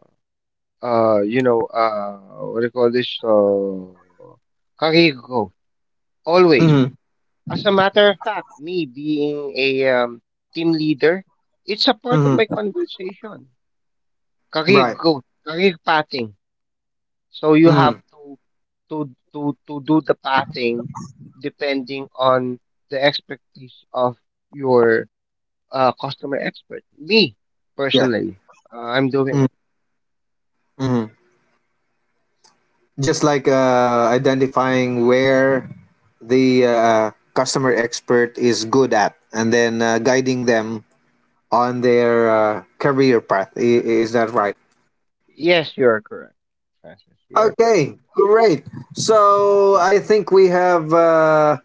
[SPEAKER 2] you know what do you call this, career growth always.
[SPEAKER 1] Mm-hmm.
[SPEAKER 2] As a matter of fact, me being a team leader, it's a part of my
[SPEAKER 1] Mm-hmm.
[SPEAKER 2] conversation. Career
[SPEAKER 1] Right.
[SPEAKER 2] growth, career pathing. So you have
[SPEAKER 1] Mm-hmm.
[SPEAKER 2] to do the pathing depending on the expertise of your customer expert. Me
[SPEAKER 1] Yeah.
[SPEAKER 2] personally, I'm doing
[SPEAKER 1] Mm-hmm.
[SPEAKER 2] it.
[SPEAKER 1] Mm-hmm. Just like identifying where the customer expert is good at, and then guiding them on their career path. Is that right?
[SPEAKER 2] Yes, you are correct, Francis. You are correct.
[SPEAKER 1] Okay, great. So I think we have uh,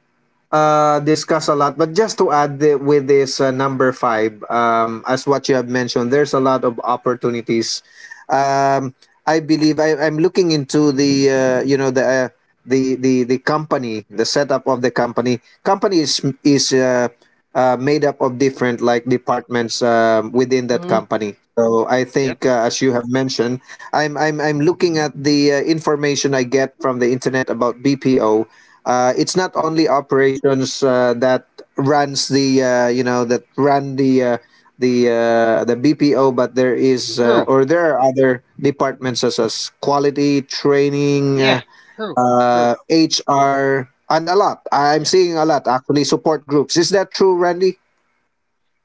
[SPEAKER 1] uh, discussed a lot, but just to add with this number five, as what you have mentioned, there's a lot of opportunities. Um, I believe I'm looking into the company, the setup of the company. Company is is. Made up of different like departments within that
[SPEAKER 2] Mm-hmm.
[SPEAKER 1] company. So I
[SPEAKER 2] Yep.
[SPEAKER 1] think, as you have mentioned, I'm looking at the information I get from the internet about BPO. It's not
[SPEAKER 2] Mm.
[SPEAKER 1] only operations that runs the you know that run the the BPO, but there is
[SPEAKER 2] True.
[SPEAKER 1] or there are other departments such as quality training.
[SPEAKER 2] Yeah. True. True.
[SPEAKER 1] HR, and a lot. I'm
[SPEAKER 2] Yeah.
[SPEAKER 1] seeing a lot actually support groups. Is that true, Randy?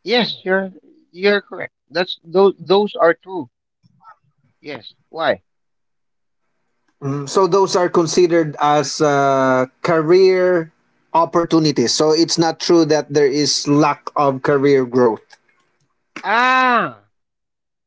[SPEAKER 2] Yes, you're correct. That's Those are true. Yes. Why?
[SPEAKER 1] Mm, so those are considered as career opportunities. So it's not true that there is lack of career growth.
[SPEAKER 2] Ah,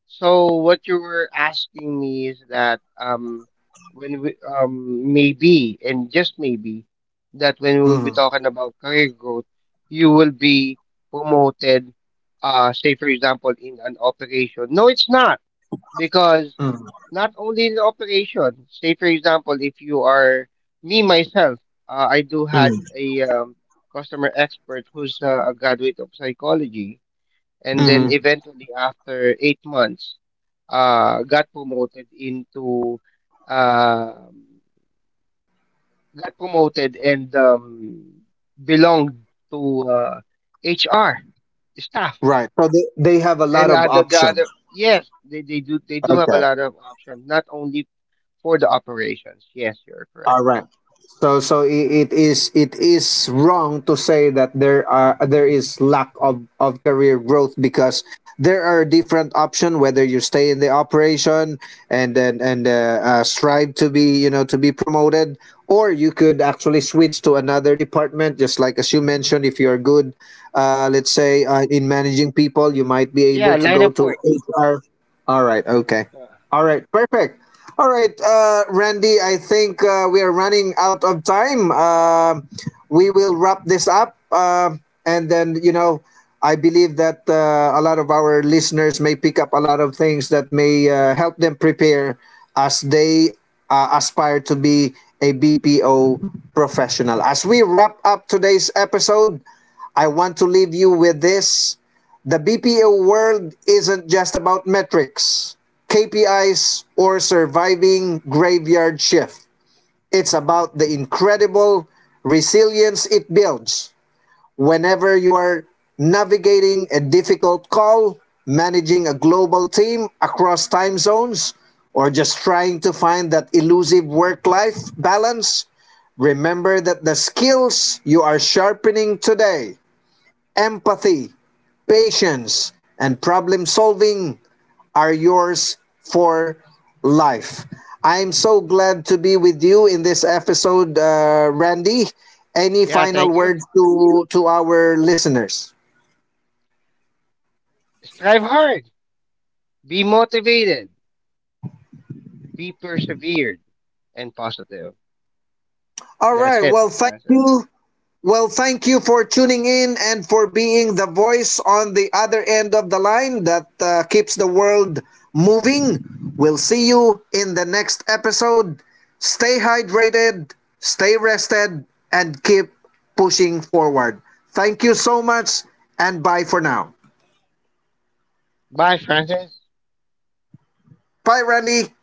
[SPEAKER 2] so what you were asking me is that when we maybe and just maybe that when we'll be
[SPEAKER 1] Mm.
[SPEAKER 2] talking about career growth, you will be promoted. Say for example in an operation. No, it's not because
[SPEAKER 1] Mm.
[SPEAKER 2] not only in the operation. Say, for example, if you are me myself, I do
[SPEAKER 1] Mm.
[SPEAKER 2] had a customer expert who's a graduate of psychology, and then
[SPEAKER 1] Mhm.
[SPEAKER 2] eventually after 8 months, uh, got promoted into uh, got promoted and belonged to HR staff.
[SPEAKER 1] Right. So they have a lot
[SPEAKER 2] And
[SPEAKER 1] of
[SPEAKER 2] the
[SPEAKER 1] options.
[SPEAKER 2] other, yes, they do have a
[SPEAKER 1] Okay.
[SPEAKER 2] lot of options, not only for the operations. Yes, you're correct.
[SPEAKER 1] All right. So so it is wrong to say that there is lack of career growth because there are different options whether you stay in the operation and then and strive to be you know to be promoted or you could actually switch to another department just like as you mentioned if you are good
[SPEAKER 2] Uh,
[SPEAKER 1] let's say in managing people you might be
[SPEAKER 2] yeah,
[SPEAKER 1] able to
[SPEAKER 2] line
[SPEAKER 1] go
[SPEAKER 2] of
[SPEAKER 1] to
[SPEAKER 2] work.
[SPEAKER 1] HR. All right. Okay.
[SPEAKER 2] Uh,
[SPEAKER 1] All right, perfect. All right, Randy, I think we are running out of time. We will wrap this up. And then, you know, I believe that a lot of our listeners may pick up a lot of things that may help them prepare as they aspire to be a BPO professional. As we wrap up today's episode, I want to leave you with this. The BPO world isn't just about metrics, KPIs, or surviving graveyard shift. It's about the incredible resilience it builds whenever you are navigating a difficult call, managing a global team across time zones, or just trying to find that elusive work life balance, remember that the skills you are sharpening today empathy, patience, and problem solving are yours for life. I'm so glad to be with you in this episode, Randy. Any
[SPEAKER 2] yeah,
[SPEAKER 1] final
[SPEAKER 2] thank you.
[SPEAKER 1] words to our listeners?
[SPEAKER 2] Strive hard. Be motivated. Be persevered and positive.
[SPEAKER 1] All
[SPEAKER 2] That's
[SPEAKER 1] right.
[SPEAKER 2] it,
[SPEAKER 1] Well, thank
[SPEAKER 2] Francis.
[SPEAKER 1] you. Well, thank you for tuning in and for being the voice on the other end of the line that keeps the world moving. We'll see you in the next episode. Stay hydrated, stay rested, and keep pushing forward. Thank you so much, and bye for now.
[SPEAKER 2] Bye, Francis.
[SPEAKER 1] Bye, Randy.